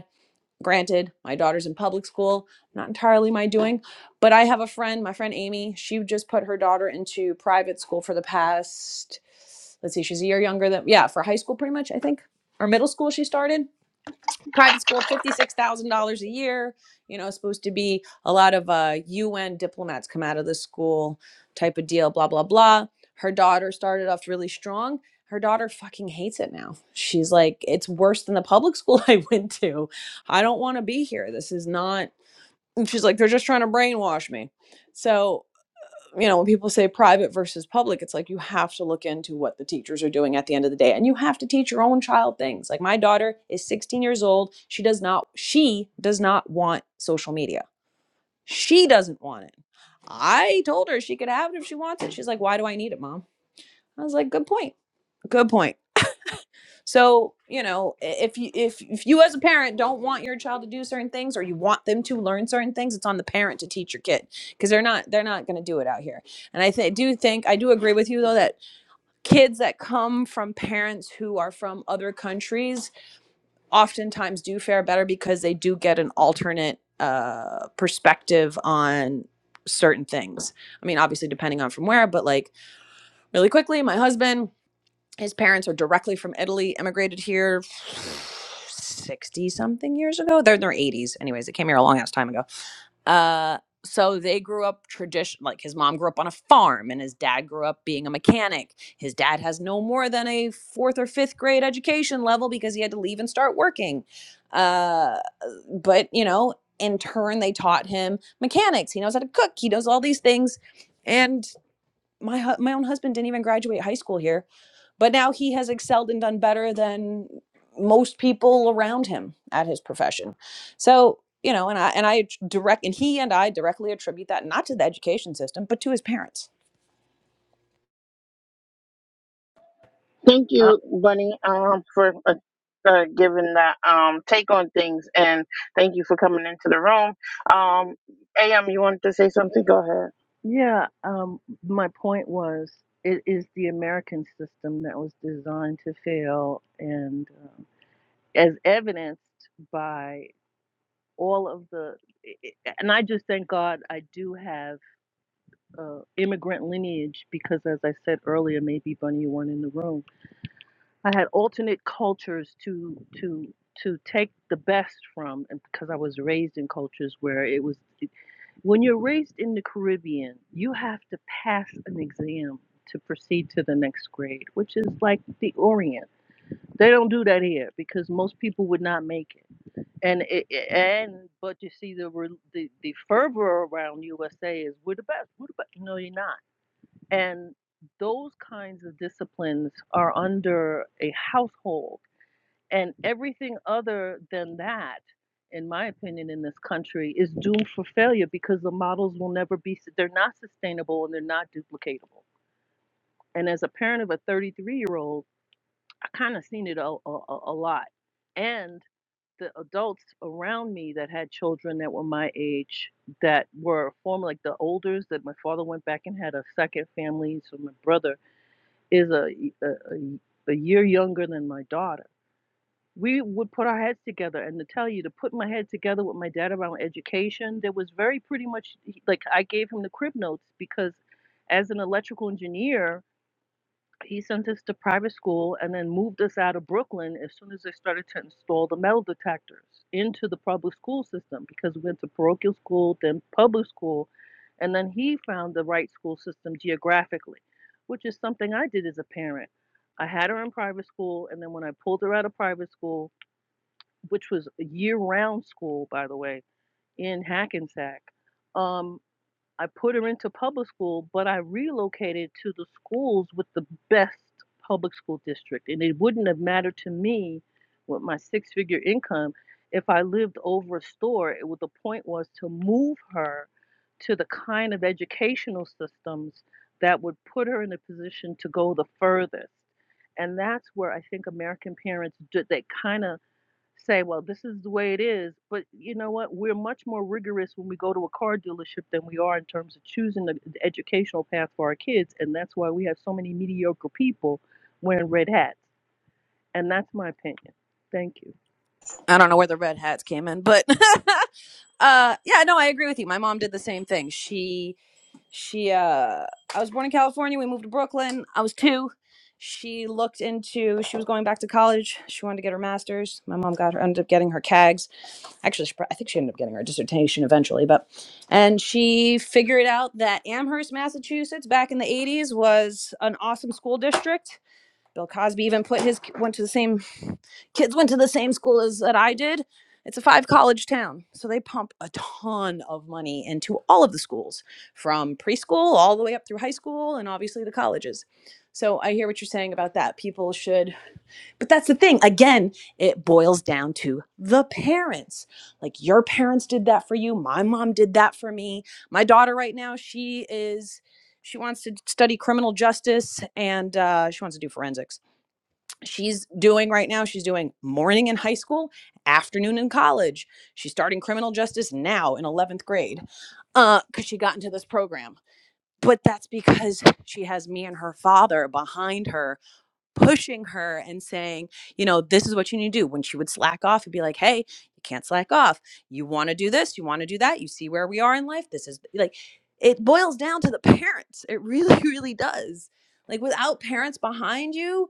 Granted, my daughter's in public school, not entirely my doing, but I have a friend, my friend Amy, she just put her daughter into private school for the past, let's see, she's a year younger than, yeah, for high school pretty much, I think, or middle school she started private school $56,000 a year, you know, supposed to be a lot of uh, UN diplomats come out of the school type of deal, blah, blah, blah. Her daughter started off really strong. Her daughter fucking hates it now. She's like, it's worse than the public school I went to. I don't want to be here. This is not. And she's like, they're just trying to brainwash me. So you know, when people say private versus public, it's like you have to look into what the teachers are doing at the end of the day. And you have to teach your own child things. Like my daughter is 16 years old. She does not she does not want social media. She doesn't want it. I told her she could have it if she wants it. She's like, "Why do I need it, mom?" I was like, "Good point. Good point." So, you know, if you if if you as a parent don't want your child to do certain things or you want them to learn certain things, it's on the parent to teach your kid because they're not they're not going to do it out here. And I th- do think I do agree with you though that kids that come from parents who are from other countries oftentimes do fare better because they do get an alternate uh perspective on certain things. I mean, obviously depending on from where, but like really quickly, my husband his parents are directly from Italy, immigrated here 60 something years ago. They're in their 80s. Anyways, they came here a long ass time ago. Uh, so they grew up tradition like his mom grew up on a farm and his dad grew up being a mechanic. His dad has no more than a fourth or fifth grade education level because he had to leave and start working. Uh, but, you know, in turn, they taught him mechanics. He knows how to cook. He does all these things. And my, hu- my own husband didn't even graduate high school here but now he has excelled and done better than most people around him at his profession. So, you know, and I and I direct and he and I directly attribute that not to the education system, but to his parents.
Uh,
Uh, take on things. And thank you for coming into the room. Um, AM, you wanted to say something? Go ahead.
yeah, um, my point was it is the American system that was designed to fail, and um, as evidenced by all of the. And I just thank God I do have uh, immigrant lineage because, as I said earlier, maybe Bunny, you weren't in the room I had alternate cultures to to to take the best from and because I was raised in cultures where it was when you're raised in the Caribbean, you have to pass an exam to proceed to the next grade, which is like the Orient. They don't do that here because most people would not make it. And it, it- and but you see the re- the the fervor around USA is we're the best, we're the best. No, you're not. And those kinds of disciplines are under a household and everything other than that, in my opinion, in this country is doomed for failure because the models will never be, they're not sustainable and they're not duplicatable. And as a parent of a 33 year old, I kind of seen it a, a, a lot. And the adults around me that had children that were my age that were former like the olders that my father went back and had a second family so my brother is a, a, a a year younger than my daughter we would put our heads together and to tell you to put my head together with my dad around education there was very pretty much like i gave him the crib notes because as an electrical engineer he sent us to private school and then moved us out of brooklyn as soon as they started to install the metal detectors into the public school system because we went to parochial school then public school and then he found the right school system geographically which is something i did as a parent i had her in private school and then when i pulled her out of private school which was a year-round school, by the way, in Hackensack. Um, I put her into public school, but I relocated to the schools with the best public school district, and it wouldn't have mattered to me with my six-figure income if I lived over a store. It, what the point was to move her to the kind of educational systems that would put her in a position to go the furthest. And that's where I think American parents do, they kind of say, well, this is the way it is. But you know what? We're much more rigorous when we go to a car dealership than we are in terms of choosing the the educational path for our kids. And that's why we have so many mediocre people wearing red hats. And that's my opinion. Thank you.
I don't know where the red hats came in, but uh yeah, no, I agree with you. My mom did the same thing. She She, uh, I was born in California. We moved to Brooklyn. I was two. She looked into, she was going back to college. She wanted to get her master's. My mom got her, ended up getting her CAGS. Actually, she, pro- I think she ended up getting her dissertation eventually, but, and she figured out that Amherst, Massachusetts, back in the 80s was an awesome school district Bill Cosby even put his went to the same kids went to the same school as that I did. It's a five college town. So they pump a ton of money into all of the schools from preschool all the way up through high school and obviously the colleges. So I hear what you're saying about that. People should But that's the thing. Again, it boils down to the parents. Like your parents did that for you, my mom did that for me. My daughter right now, she is she wants to study criminal justice and uh, she wants to do forensics she's doing right now she's doing morning in high school afternoon in college she's starting criminal justice now in 11th grade because she got into this program but that's because she has me and her father behind her pushing her and saying you know this is what you need to do when she would slack off he'd be like hey you can't slack off you want to do this you want to do that you see where we are in life this is like it boils down to the parents it really really does like without parents behind you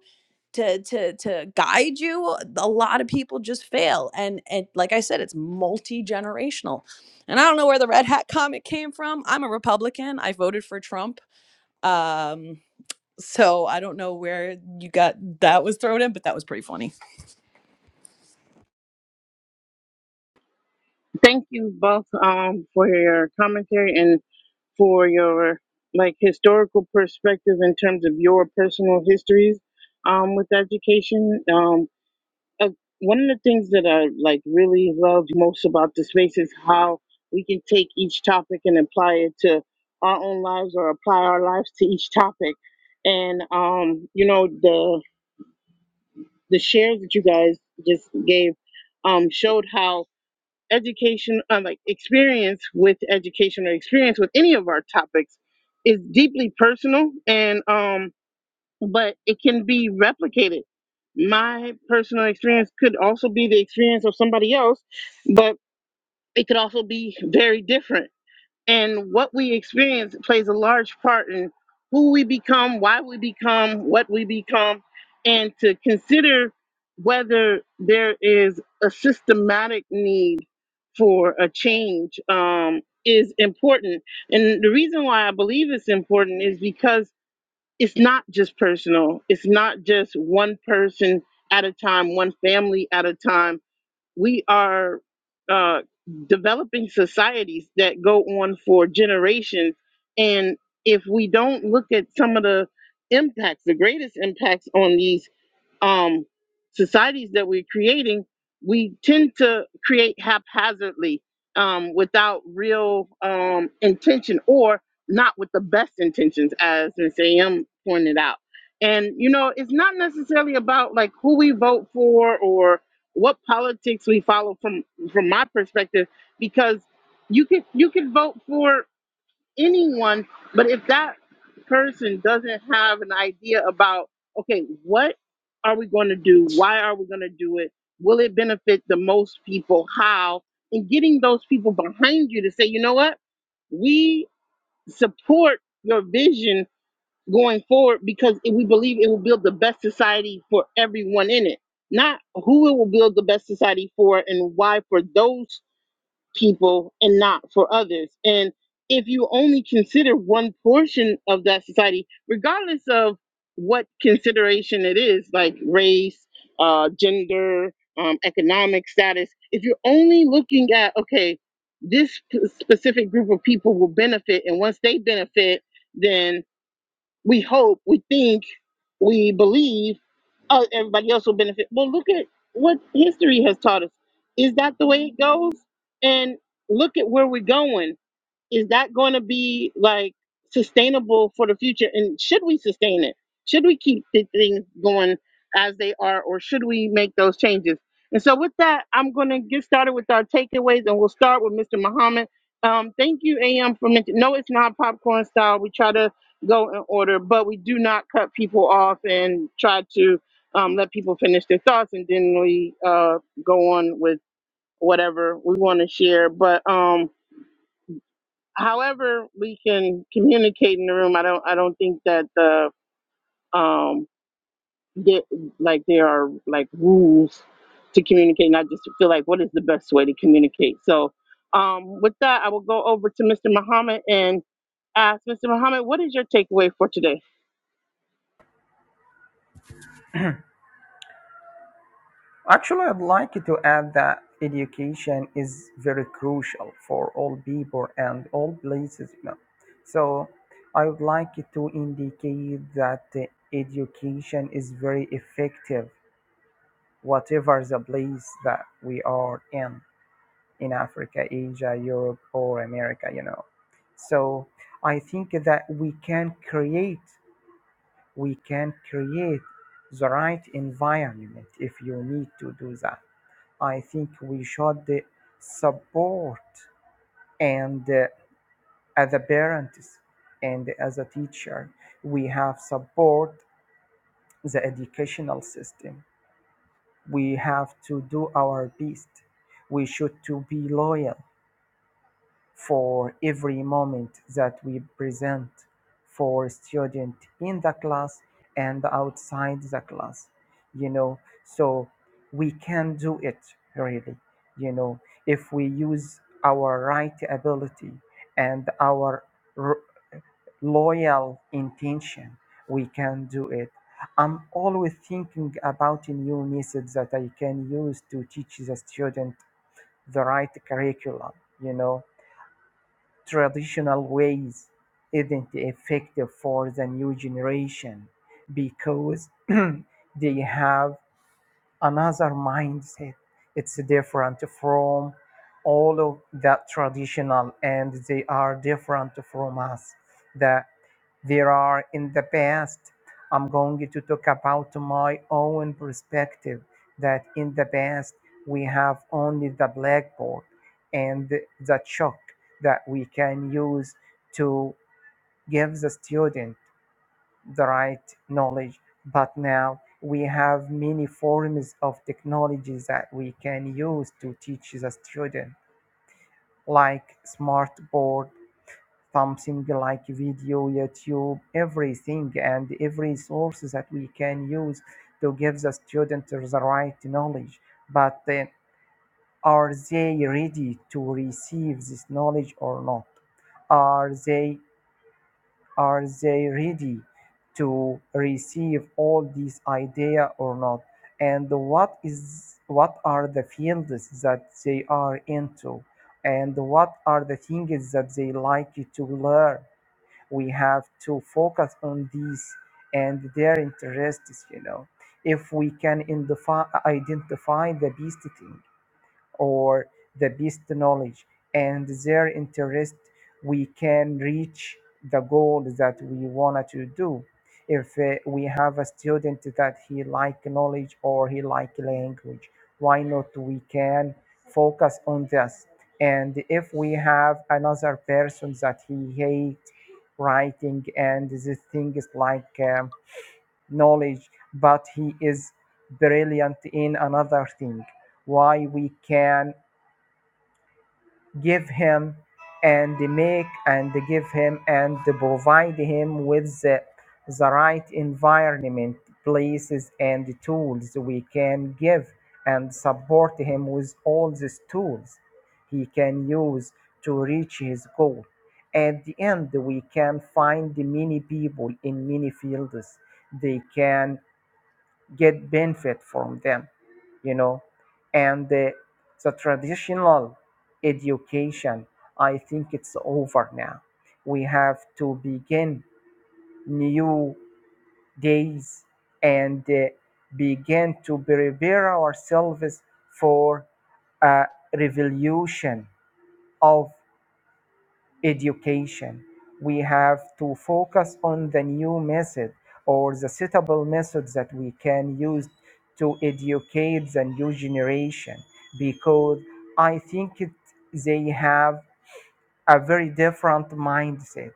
to to to guide you a lot of people just fail and and like i said it's multi-generational and i don't know where the red hat comment came from i'm a republican i voted for trump um so i don't know where you got that was thrown in but that was pretty funny
Thank you both um, for your commentary. and. for your like historical perspective in terms of your personal histories um, with education. Um, uh, one of the things that I like really love most about the space is how we can take each topic and apply it to our own lives or apply our lives to each topic. And um, you know the the shares that you guys just gave um, showed how education um, like experience with education or experience with any of our topics is deeply personal and um but it can be replicated my personal experience could also be the experience of somebody else but it could also be very different and what we experience plays a large part in who we become, why we become, what we become, and to consider whether there is a systematic need for a change um, is important. And the reason why I believe it's important is because it's not just personal, it's not just one person at a time, one family at a time we are uh, developing societies that go on for generations. And if we don't look at some of the impacts, the greatest impacts on these um, societies that we're creating, we tend to create haphazardly um, without real um, intention or not with the best intentions, as Ms. A.M. pointed out. And, you know, it's not necessarily about like who we vote for or what politics we follow from from my perspective because you could you could vote for anyone, but if that person doesn't have an idea about, okay, what are we going to do? Why are we going to do it? Will it benefit the most people? How? And getting those people behind you to say, you know what? We support your vision going forward because it- we believe it will build the best society for everyone in it. Not who it will build the best society for and why for those people and not for others. And if you only consider one portion of that society, regardless of what consideration it is, like race, uh, gender, um, economic status, if you're only looking at, okay, this p- specific group of people will benefit, and once they benefit, then we hope, we think, we believe, oh, everybody else will benefit. Well, look at what history has taught us. Is that the way it goes? And look at where we're going is that going to be like sustainable for the future and should we sustain it should we keep the things going as they are or should we make those changes and so with that i'm going to get started with our takeaways and we'll start with mr muhammad um, thank you am for mentioning no it's not popcorn style we try to go in order but we do not cut people off and try to um, let people finish their thoughts and then we uh, go on with whatever we want to share but um, however we can communicate in the room i don't i don't think that the um that like there are like rules to communicate and i just feel like what is the best way to communicate so um with that i will go over to mr muhammad and ask mr muhammad what is your takeaway for today
Actually, I'd like to add that education is very crucial for all people and all places. You know. So I would like to indicate that uh, education is very effective, whatever the place that we are in. in Africa, Asia, Europe, or America, you know. So I think that we can create, we can create the right environment if you need to do that. I think we should uh, support and uh, as a parents and as a teacher, we have support the educational system. We have to do our best. We should to be loyal for every moment that we present for student in the class and outside the class you know so we can do it really you know if we use our right ability and our r- loyal intention we can do it i'm always thinking about a new methods that i can use to teach the student the right curriculum you know traditional ways isn't effective for the new generation because they have another mindset. It's different from all of that traditional, and they are different from us. That there are in the past. I'm going to talk about my own perspective. That in the past we have only the blackboard and the chalk that we can use to give the student the right knowledge. But now we have many forms of technologies that we can use to teach the student, like smart board, something like video, YouTube, everything and every source that we can use to give the student the right knowledge. But then, are they ready to receive this knowledge or not? Are they Are they ready to receive all these idea or not? And what is what are the fields that they are into? And what are the things that they like to learn? We have to focus on these and their interests, you know. If we can identify, identify the best thing, or the best knowledge and their interest we can reach the goal that we wanted to do if uh, we have a student that he like knowledge or he like language why not we can focus on this and if we have another person that he hate writing and these things like um, knowledge but he is brilliant in another thing why we can give him and make and give him and provide him with the, the right environment, places, and tools we can give and support him with all these tools he can use to reach his goal. At the end, we can find many people in many fields. They can get benefit from them you know and the, the traditional education i think it's over now we have to begin new days and uh, begin to prepare ourselves for a revolution of education. We have to focus on the new method or the suitable methods that we can use to educate the new generation because I think it, they have a very different mindset.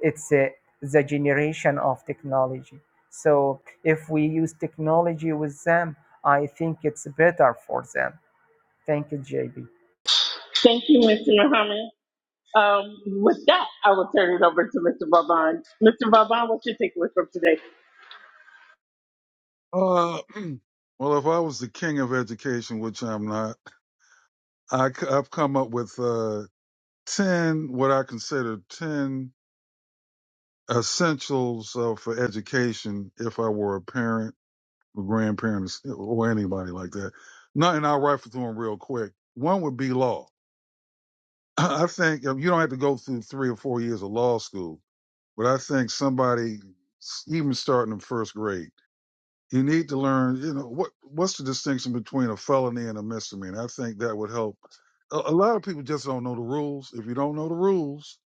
It's uh, the generation of technology. So if we use technology with them, I think it's better for them. Thank you, JB.
thank you mr muhammad um with that i will turn it over to mr baban mr baban what's your takeaway from today
Uh, well, if I was the king of education, which I'm not, I, have come up with, uh, ten what I consider ten essentials uh, for education if I were a parent or grandparent or anybody like that. Not, and I'll rifle through them real quick. One would be law. I think um, you don't have to go through three or four years of law school, but I think somebody, s- even starting in first grade, you need to learn. You know what? What's the distinction between a felony and a misdemeanor? I think that would help. A, a lot of people just don't know the rules. If you don't know the rules,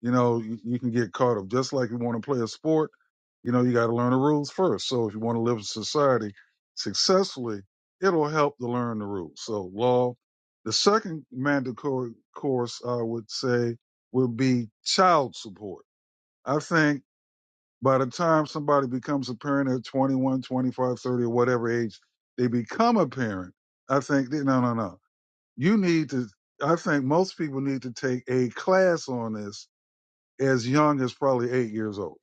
you know, you, you can get caught up. Just like you want to play a sport, you know, you got to learn the rules first. So if you want to live in society successfully, it'll help to learn the rules. So law. The second mandatory course I would say would be child support. I think by the time somebody becomes a parent at 21, 25, 30, or whatever age they become a parent, I think, that- no, no, no. You need to, I think most people need to take a class on this as young as probably eight years old.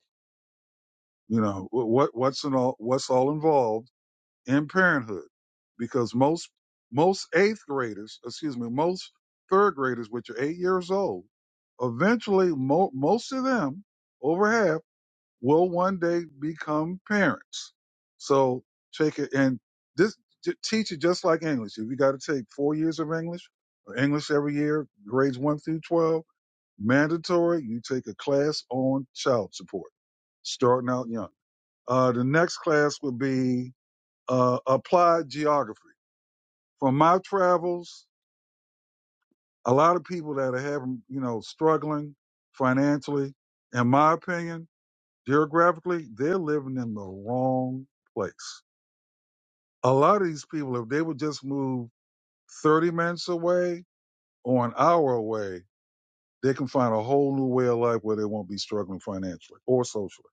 You know what what's in all what's all involved in parenthood, because most most eighth graders, excuse me, most third graders, which are eight years old, eventually mo- most of them, over half, will one day become parents. So take it and this j- teach it just like English. If you got to take four years of English, or English every year, grades one through twelve, mandatory. You take a class on child support starting out young. Uh, the next class would be uh, applied geography. From my travels, a lot of people that are having, you know, struggling financially, in my opinion, geographically, they're living in the wrong place. A lot of these people, if they would just move 30 minutes away or an hour away, they can find a whole new way of life where they won't be struggling financially or socially.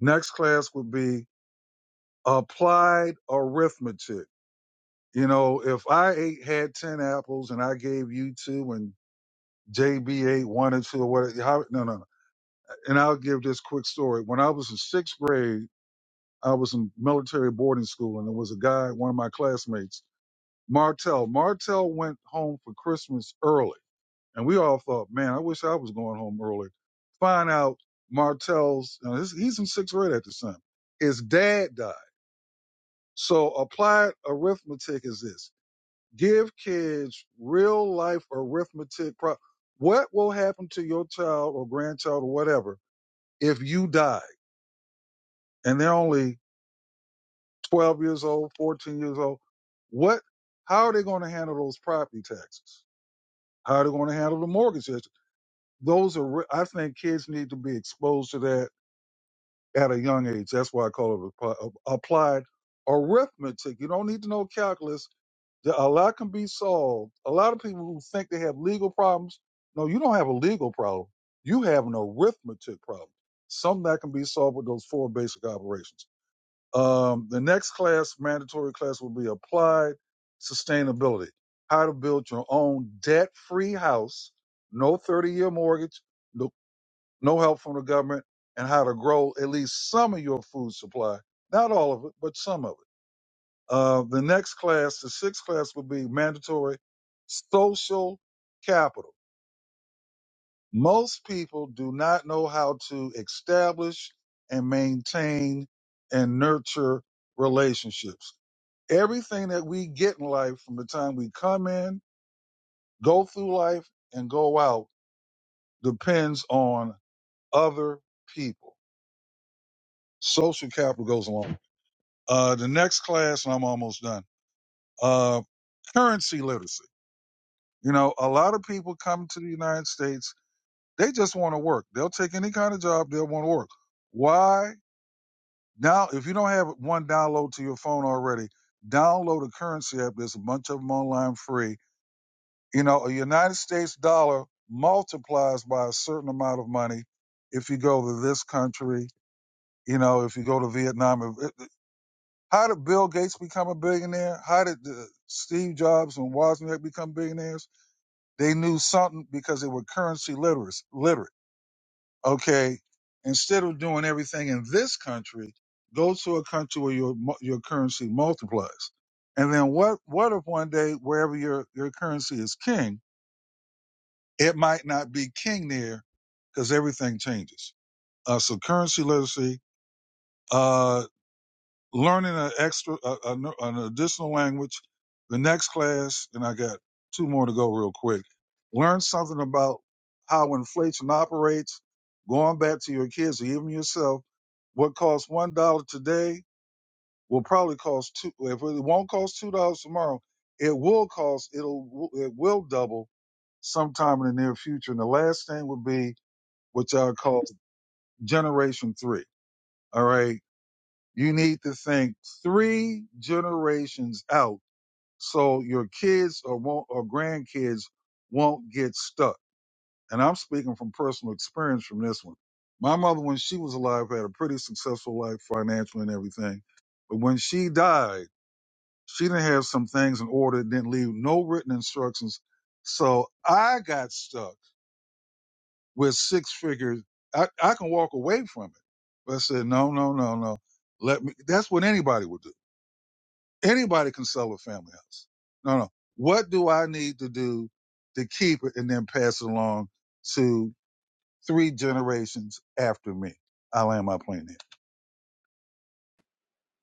Next class would be applied arithmetic You know, if I ate had ten apples and I gave you two and JB ate one or two or whatever, how, no, no, no. And I'll give this quick story. When I was in sixth grade, I was in military boarding school, and there was a guy, one of my classmates, Martell. Martell went home for Christmas early, and we all thought, man, I wish I was going home early. Find out Martell's, now this, he's in sixth grade at this time. His dad died. So applied arithmetic is this. give kids real life arithmetic. Pro- what will happen to your child or grandchild or whatever if you die and they're only 12 years old, 14 years old? What, how are they going to handle those property taxes? How are they going to handle the mortgages? Those are, I think kids need to be exposed to that at a young age. That's why I call it appli- applied arithmetic. You don't need to know calculus That a lot can be solved. A lot of people who think they have legal problems, no, you don't have a legal problem. You have an arithmetic problem. Something that can be solved with those four basic operations. Um, the next class, mandatory class, will be applied sustainability. How to build your own debt-free house, no 30-year mortgage, no, no help from the government, and how to grow at least some of your food supply. Not all of it, but some of it uh, the next class, the sixth class, would be mandatory social capital. Most people do not know how to establish and maintain and nurture relationships. Everything that we get in life from the time we come in, go through life, and go out depends on other people. Social capital goes along. Uh, the next class, and I'm almost done. Uh, currency literacy You know, a lot of people come to the United States, they just want to work. They'll take any kind of job, they'll want to work. Why? Now, if you don't have one download to your phone already, download a currency app. There's a bunch of them online free. You know, a United States dollar multiplies by a certain amount of money if you go to this country, you know, if you go to Vietnam. How did Bill Gates become a billionaire? How did uh, Steve Jobs and Wozniak become billionaires? They knew something because they were currency literate. Literate. Okay. Instead of doing everything in this country, go to a country where your mu- your currency multiplies. And then what what if one day wherever your your currency is king, it might not be king there because everything changes. Uh, so currency literacy. Uh, learning an extra, a, a, no- an additional language. The next class, and I got two more to go real quick. Learn something about how inflation operates. Going back to your kids or even yourself, what costs one dollar today will probably cost two. If it won't cost two dollars tomorrow, it will cost. It'll it will double sometime in the near future. And the last thing would be what y'all call generation three. All right you need to think three generations out so your kids or won't, or grandkids won't get stuck. And I'm speaking from personal experience from this one. My mother, when she was alive, had a pretty successful life financially and everything. But when she died, she didn't have some things in order, didn't leave no written instructions. So I got stuck with six figures. I, I can walk away from it. But I said, no, no, no, no. Let me, that's what anybody would do Anybody can sell a family house. No, no. What do I need to do to keep it and then pass it along to three generations after me? I land my plane there.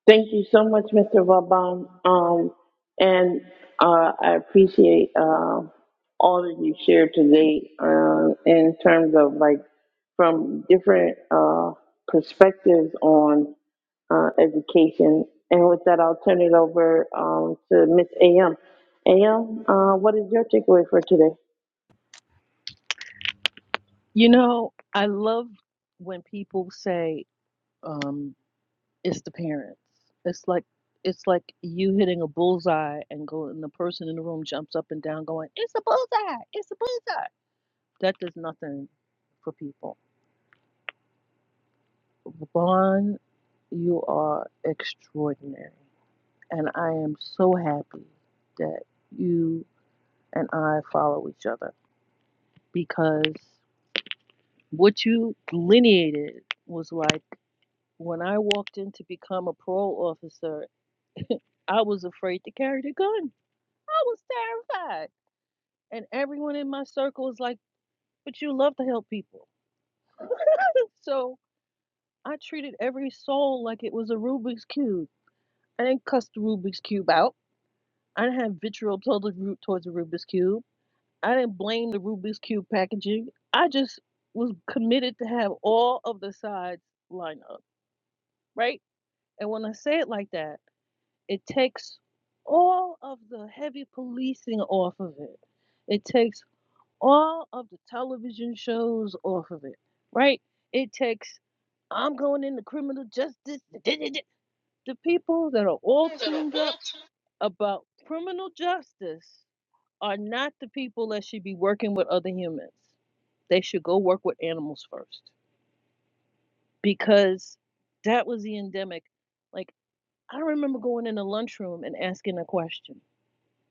Thank you so much, Mr. Vaban. Um, and uh, I appreciate.
You know, I love when people say um, it's the parents. It's like, it's like you hitting a bullseye and go and the person in the room jumps up and down going, It's a bullseye, it's a bullseye. That does nothing for people Vaughn, you are extraordinary. And I am so happy that you and I follow each other because what you delineated was like when I walked in to become a parole officer, I was afraid to carry the gun. I was terrified. And everyone in my circle was like, but you love to help people. so I treated every soul like it was a Rubik's Cube. I didn't cuss the Rubik's Cube out. I didn't have vitriol totally root towards the Rubik's Cube. I didn't blame the Rubik's Cube packaging. I just was committed to have all of the sides line up, right? And when I say it like that, it takes all of the heavy policing off of it. It takes all of the television shows off of it, right? It takes, I'm going into criminal justice. The people that are all tuned up about criminal justice are not the people that should be working with other humans. They should go work with animals first because that was the endemic. Like, I remember going in the lunchroom and asking a question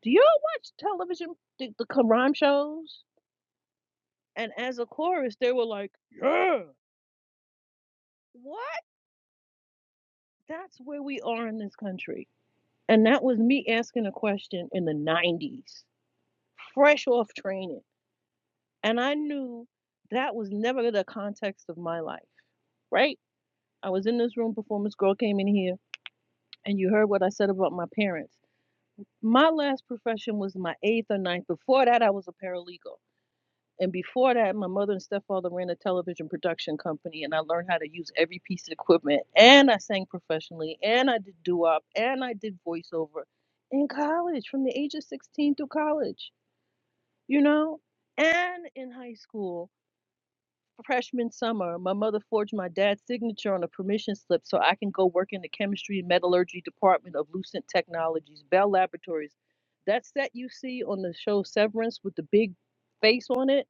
Do y'all watch television, the, the crime shows? And as a chorus, they were like, Yeah. What? That's where we are in this country. And that was me asking a question in the 90s, fresh off training. And I knew that was never the context of my life, right? I was in this room before Miss Girl came in here, and you heard what I said about my parents. My last profession was my eighth or ninth. Before that, I was a paralegal. And before that, my mother and stepfather ran a television production company, and I learned how to use every piece of equipment. And I sang professionally, and I did doo wop, and I did voiceover in college from the age of 16 through college, you know, and in high school. freshman summer, my mother forged my dad's signature on a permission slip so I can go work in the chemistry and metallurgy department of Lucent Technologies, Bell Laboratories. That set you see on the show Severance with the big face on it,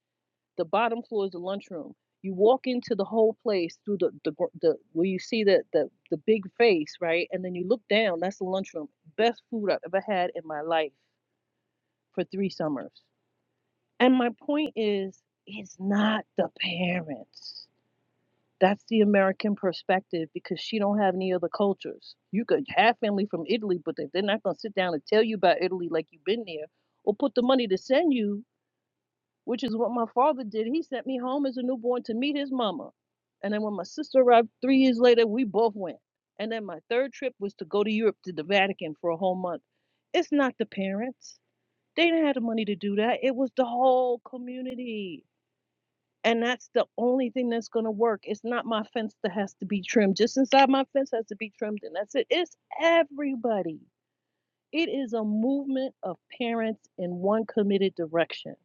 the bottom floor is the lunchroom. You walk into the whole place through the, the, gr- the where you see the, the, the big face, right? And then you look down, that's the lunchroom. Best food I've ever had in my life for three summers. And my point is, it's not the parents that's the American perspective because she don't have any other cultures. You could have family from Italy, but they- they're not gonna sit down and tell you about Italy like you've been there, or put the money to send you, which is what my father did. He sent me home as a newborn to meet his mama, and then when my sister arrived three years later, we both went. And then my third trip was to go to Europe to the Vatican for a whole month. It's not the parents; they didn't have the money to do that. It was the whole community and that's the only thing that's going to work. It's not my fence that has to be trimmed. Just inside my fence has to be trimmed, and that's it. It's everybody. It is a movement of parents in one committed direction.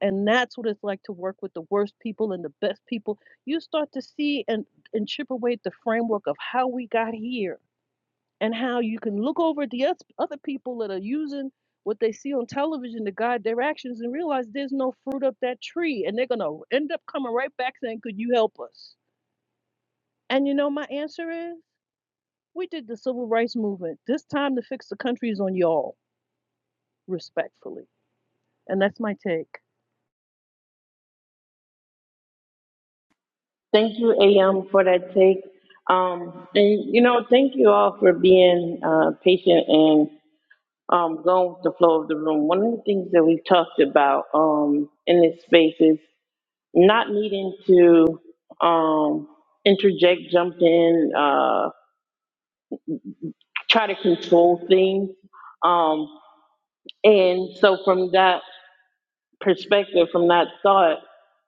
And that's what it's like to work with the worst people and the best people. You start to see and, and chip away at the framework of how we got here and how you can look over at the oth- other people that are using what they see on television to guide their actions and realize there's no fruit up that tree and they're going to end up coming right back saying could you help us and you know my answer is we did the civil rights movement this time to fix the country is on y'all respectfully and that's my take
Thank you, AM, for that take. Um, and, you know, thank you all for being uh, patient and um, going with the flow of the room. One of the things that we've talked about um, in this space is not needing to um, interject, jump in, uh, try to control things. Um, and so from that, perspective from that thought,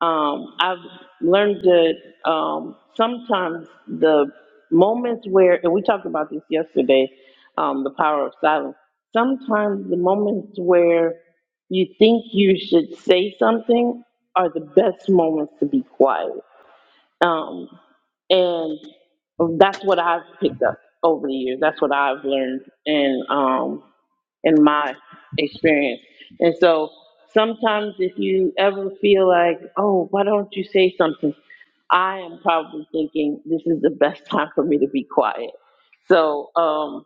um, I've learned that um, sometimes the moments where, and we talked about this yesterday, um, the power of silence. Sometimes the moments where you think you should say something are the best moments to be quiet. Um, and that's what I've picked up over the years. That's what I've learned. And um, in my experience. And so sometimes if you ever feel like, oh, why don't you say something? I am probably thinking this is the best time for me to be quiet. So, um,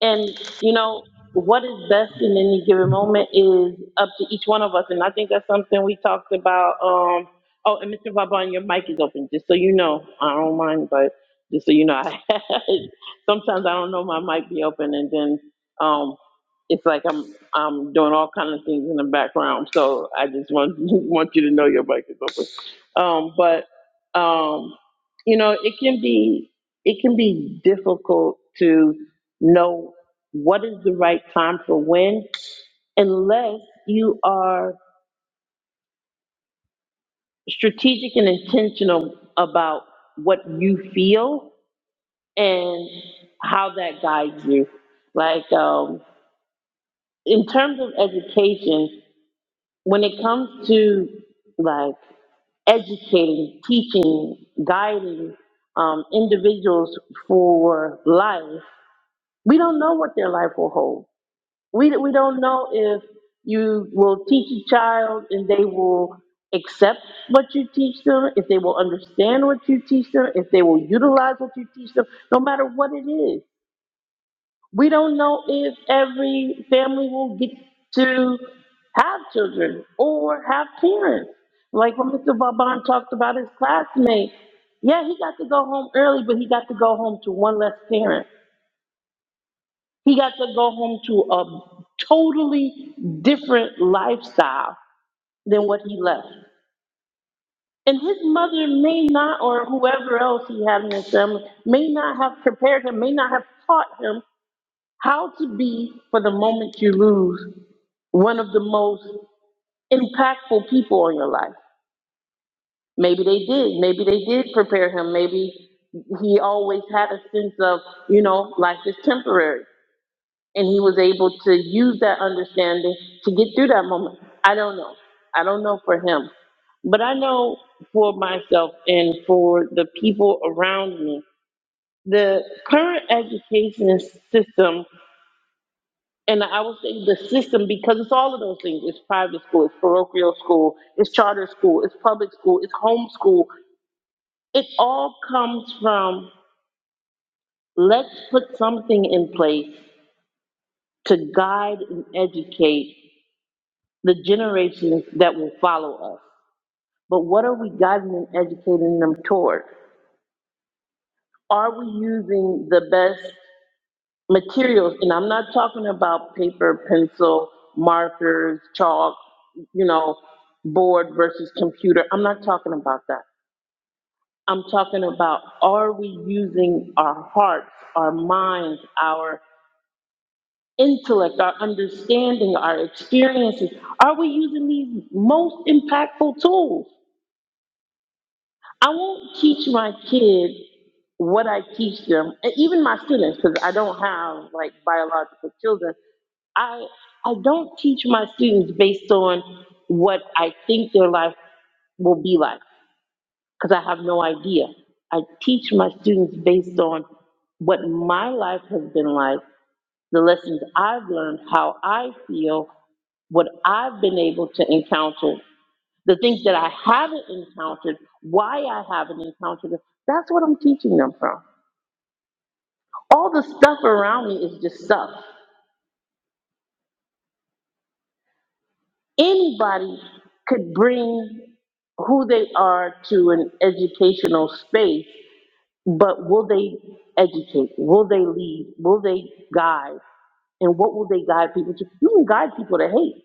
and you know, what is best in any given moment is up to each one of us. And I think that's something we talked about. Um, oh, and Mr. Vaughn, your mic is open, just so you know. I don't mind, but just so you know, I sometimes I don't know my mic be open and then um, it's like I'm I'm doing all kind of things in the background. So I just want want you to know your mic is open. Um, but um, you know, it can be it can be difficult to know what is the right time for when, unless you are strategic and intentional about what you feel and how that guides you. Like um, in terms of education, when it comes to like educating, teaching, guiding um, individuals for life, we don't know what their life will hold. We, we don't know if you will teach a child and they will accept what you teach them, if they will understand what you teach them, if they will utilize what you teach them, no matter what it is. We don't know if every family will get to have children or have parents. Like when Mr. Vaban talked about his classmate. Yeah, he got to go home early, but he got to go home to one less parent. He got to go home to a totally different life. Able to use that understanding to get through that moment. I don't know. I don't know for him. But I know for myself and for the people around me the current education system, and I would say the system because it's all of those things. It's private school, it's parochial school, it's charter school, it's public school, it's homeschool. It all comes from let's put something in place to guide and educate the generations that will follow us. But what are we guiding and educating them toward? Are we using the best materials, and I'm not talking about paper, pencil, markers, chalk, you know, board versus computer. I'm not talking about that. I'm talking about are we using our hearts, our minds, our intellect, our understanding, our experiences? Are we using these most impactful tools? I won't teach my kids what I teach them, and even my students, because I don't have like biological children. I I don't teach my students based on what I think their life will be like, because I have no idea. I teach my students based on what my life has been like the lessons I've learned, how I feel, what I've been able to encounter, the things that I haven't encountered, why I haven't encountered it. That's what I'm teaching them from. All the stuff around me is just stuff. Anybody could bring who they are to an educational space, but will they educate? Will they lead? Will they guide? And what will they guide people to? You can guide people to hate.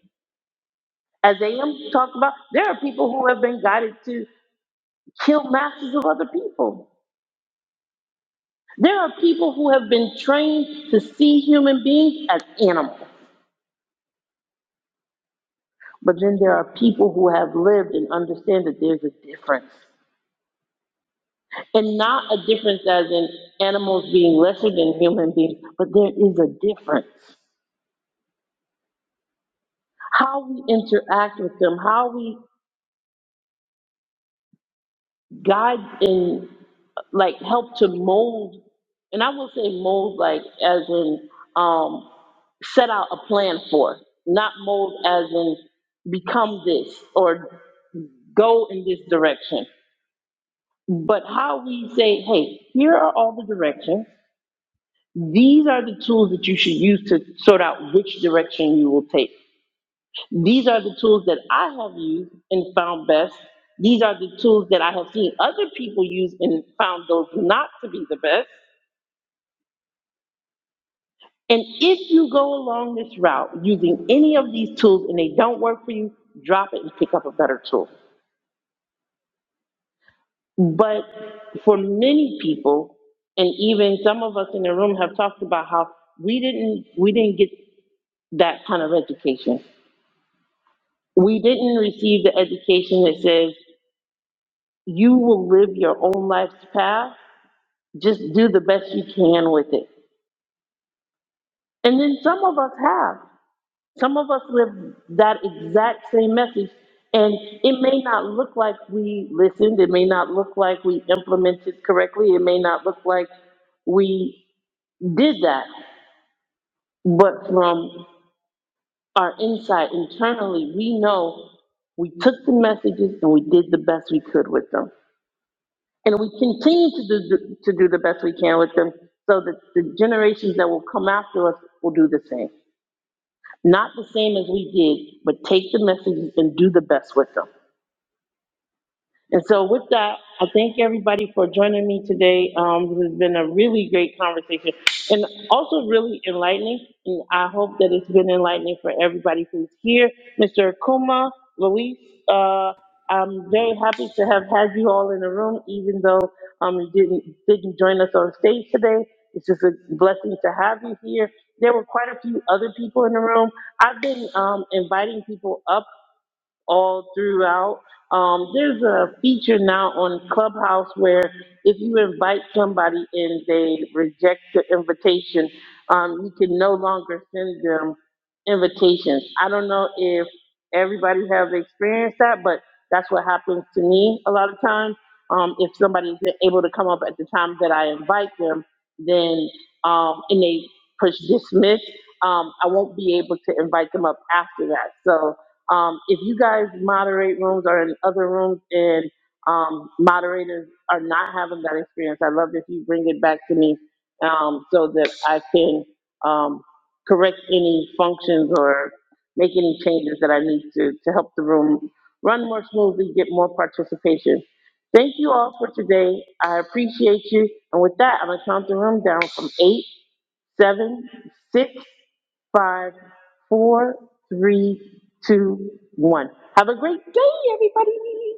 as AM talked about, there are people who have been guided to kill masses of other people. There are people who have been trained to see human beings as animals. But then there are people who have lived and understand that there's a difference. And not a difference as in animals being lesser than human beings, but there is a difference. How we interact with them, how we God in like helped to mold, and I will say mold like as in um, set out a plan for, not mold as in become this or go in this direction. But how we say, hey, here are all the directions. These are the tools that you should use to sort out which direction you will take. These are the tools that I have used and found best. These are the tools that I have seen other people use and found those not to be the best. And if you go along this route using any of these tools and they don't work for you, drop it and pick up a better tool. But for many people, and even some of us in the room have talked about how we didn't we didn't get that kind of education. We didn't receive the education that says you will live your own life's path Just do the best you can with it. And then some of us have. Some of us live that exact same message. And it may not look like we listened. It may not look like we implemented correctly. It may not look like we did that. But from our insight internally, we know we took the messages and we did the best we could with them. And we continue to do, to do the best we can with them so that the generations that will come after us will do the same. Not the same as we did, but take the messages and do the best with them. And so with that, I thank everybody for joining me today. Um, this has been a really great conversation and also really enlightening. And I hope that it's been enlightening for everybody who's here. Mr. Akuma, Luis, uh, I'm very happy to have had you all in the room, even though, um, you didn't, didn't join us on stage today. It's just a blessing to have you here. There were quite a few other people in the room. I've been, um, inviting people up all throughout. Um, there's a feature now on Clubhouse where if you invite somebody and they reject the invitation, um, you can no longer send them invitations. I don't know if everybody has experienced that, but that's what happens to me a lot of times. Um, if somebody's able to come up at the time that I invite them, then um, and they push dismiss, um, I won't be able to invite them up after that. So um, if you guys moderate rooms or in other rooms and um, moderators are not having that experience, I love if you bring it back to me um, so that I can um, correct any functions or make any changes that I need to to help the room run more smoothly, get more participation. Thank you all for today. I appreciate you. And with that, I'm gonna count the room down from eight, seven, six, five, four, three, two, one. Have a great day, everybody.